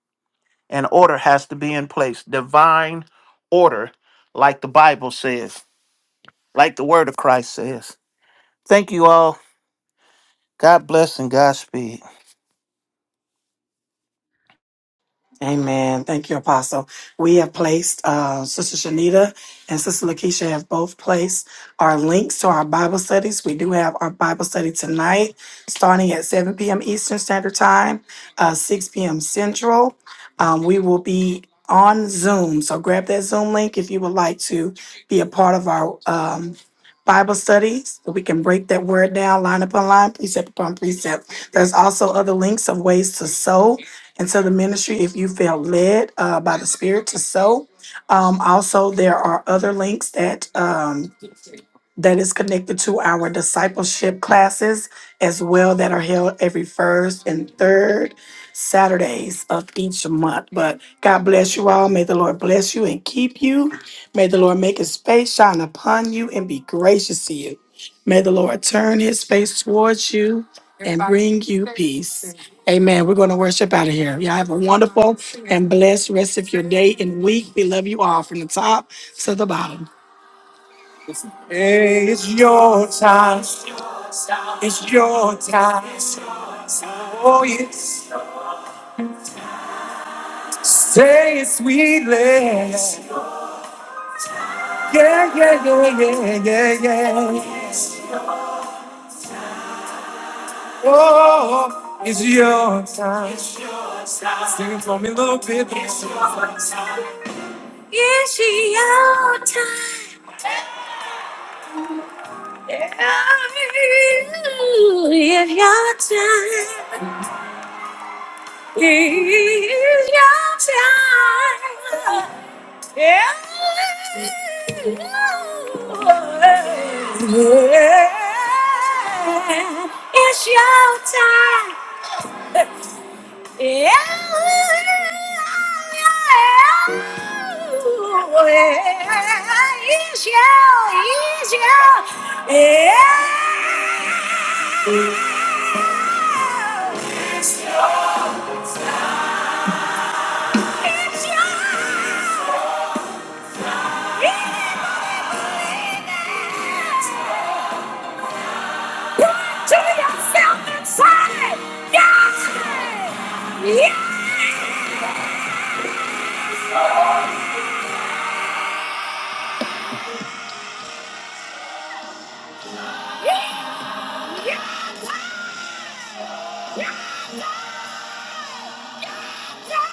And order has to be in place. Divine order, like the Bible says, like the word of Christ says. Thank you all. God bless and Godspeed. Amen. Thank you, Apostle. We have placed, uh, Sister Shanita and Sister Lakeisha have both placed our links to our Bible studies. We do have our Bible study tonight, starting at 7 p.m. Eastern Standard Time, uh, 6 p.m. Central. Um, we will be on Zoom. So grab that Zoom link if you would like to be a part of our, um, Bible studies, so we can break that word down line upon line, precept upon precept. There's also other links of ways to sow and so the ministry, if you feel led uh, by the Spirit to sow, um, also there are other links that. um, that is connected to our discipleship classes as well that are held every first and third Saturdays of each month. But God bless you all. May the Lord bless you and keep you. May the Lord make his face shine upon you and be gracious to you. May the Lord turn his face towards you and bring you peace. Amen. We're going to worship out of here. Y'all have a wonderful and blessed rest of your day and week. We love you all from the top to the bottom. Say it sweetly. Yeah, yeah, yeah, yeah, yeah, yeah. Oh, it's your time. Sing it for me a little bit. It's your time. It's your time. It's your time. It's your time. It's your, it's your, it's your. it's your. Run to yourself and say, yeah! Yeah! Yeah! Yeah! Yeah! Yeah! Yeah!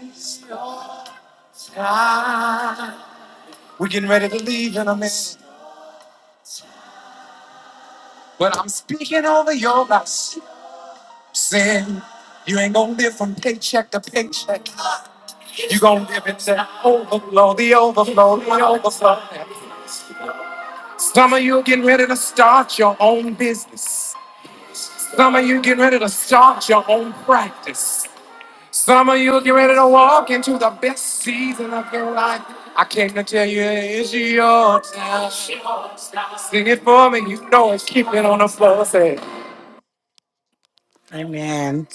It's your time. We're getting ready to leave in a minute, but I'm speaking over your life. Sin, you ain't gonna live from paycheck to paycheck. You gonna live in that overflow, the overflow, the overflow. Some of you getting ready to start your own business. Some of you getting ready to start your own practice. Some of you getting ready to walk into the best season of your life. I came to tell you it's your time. Sing it for me, you know it's keeping on the floor. Say. Amen.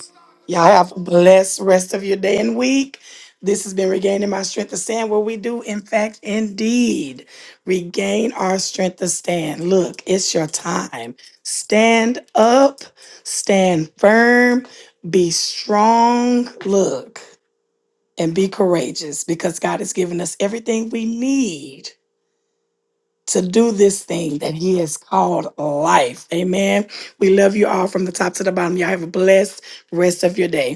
Y'all have a blessed rest of your day and week. This has been Regaining My Strength to Stand, where we do, in fact, indeed, regain our strength to stand. Look, it's your time. Stand up, stand firm, be strong, look, and be courageous because God has given us everything we need to do this thing that he has called life. Amen. We love you all from the top to the bottom. Y'all have a blessed rest of your day.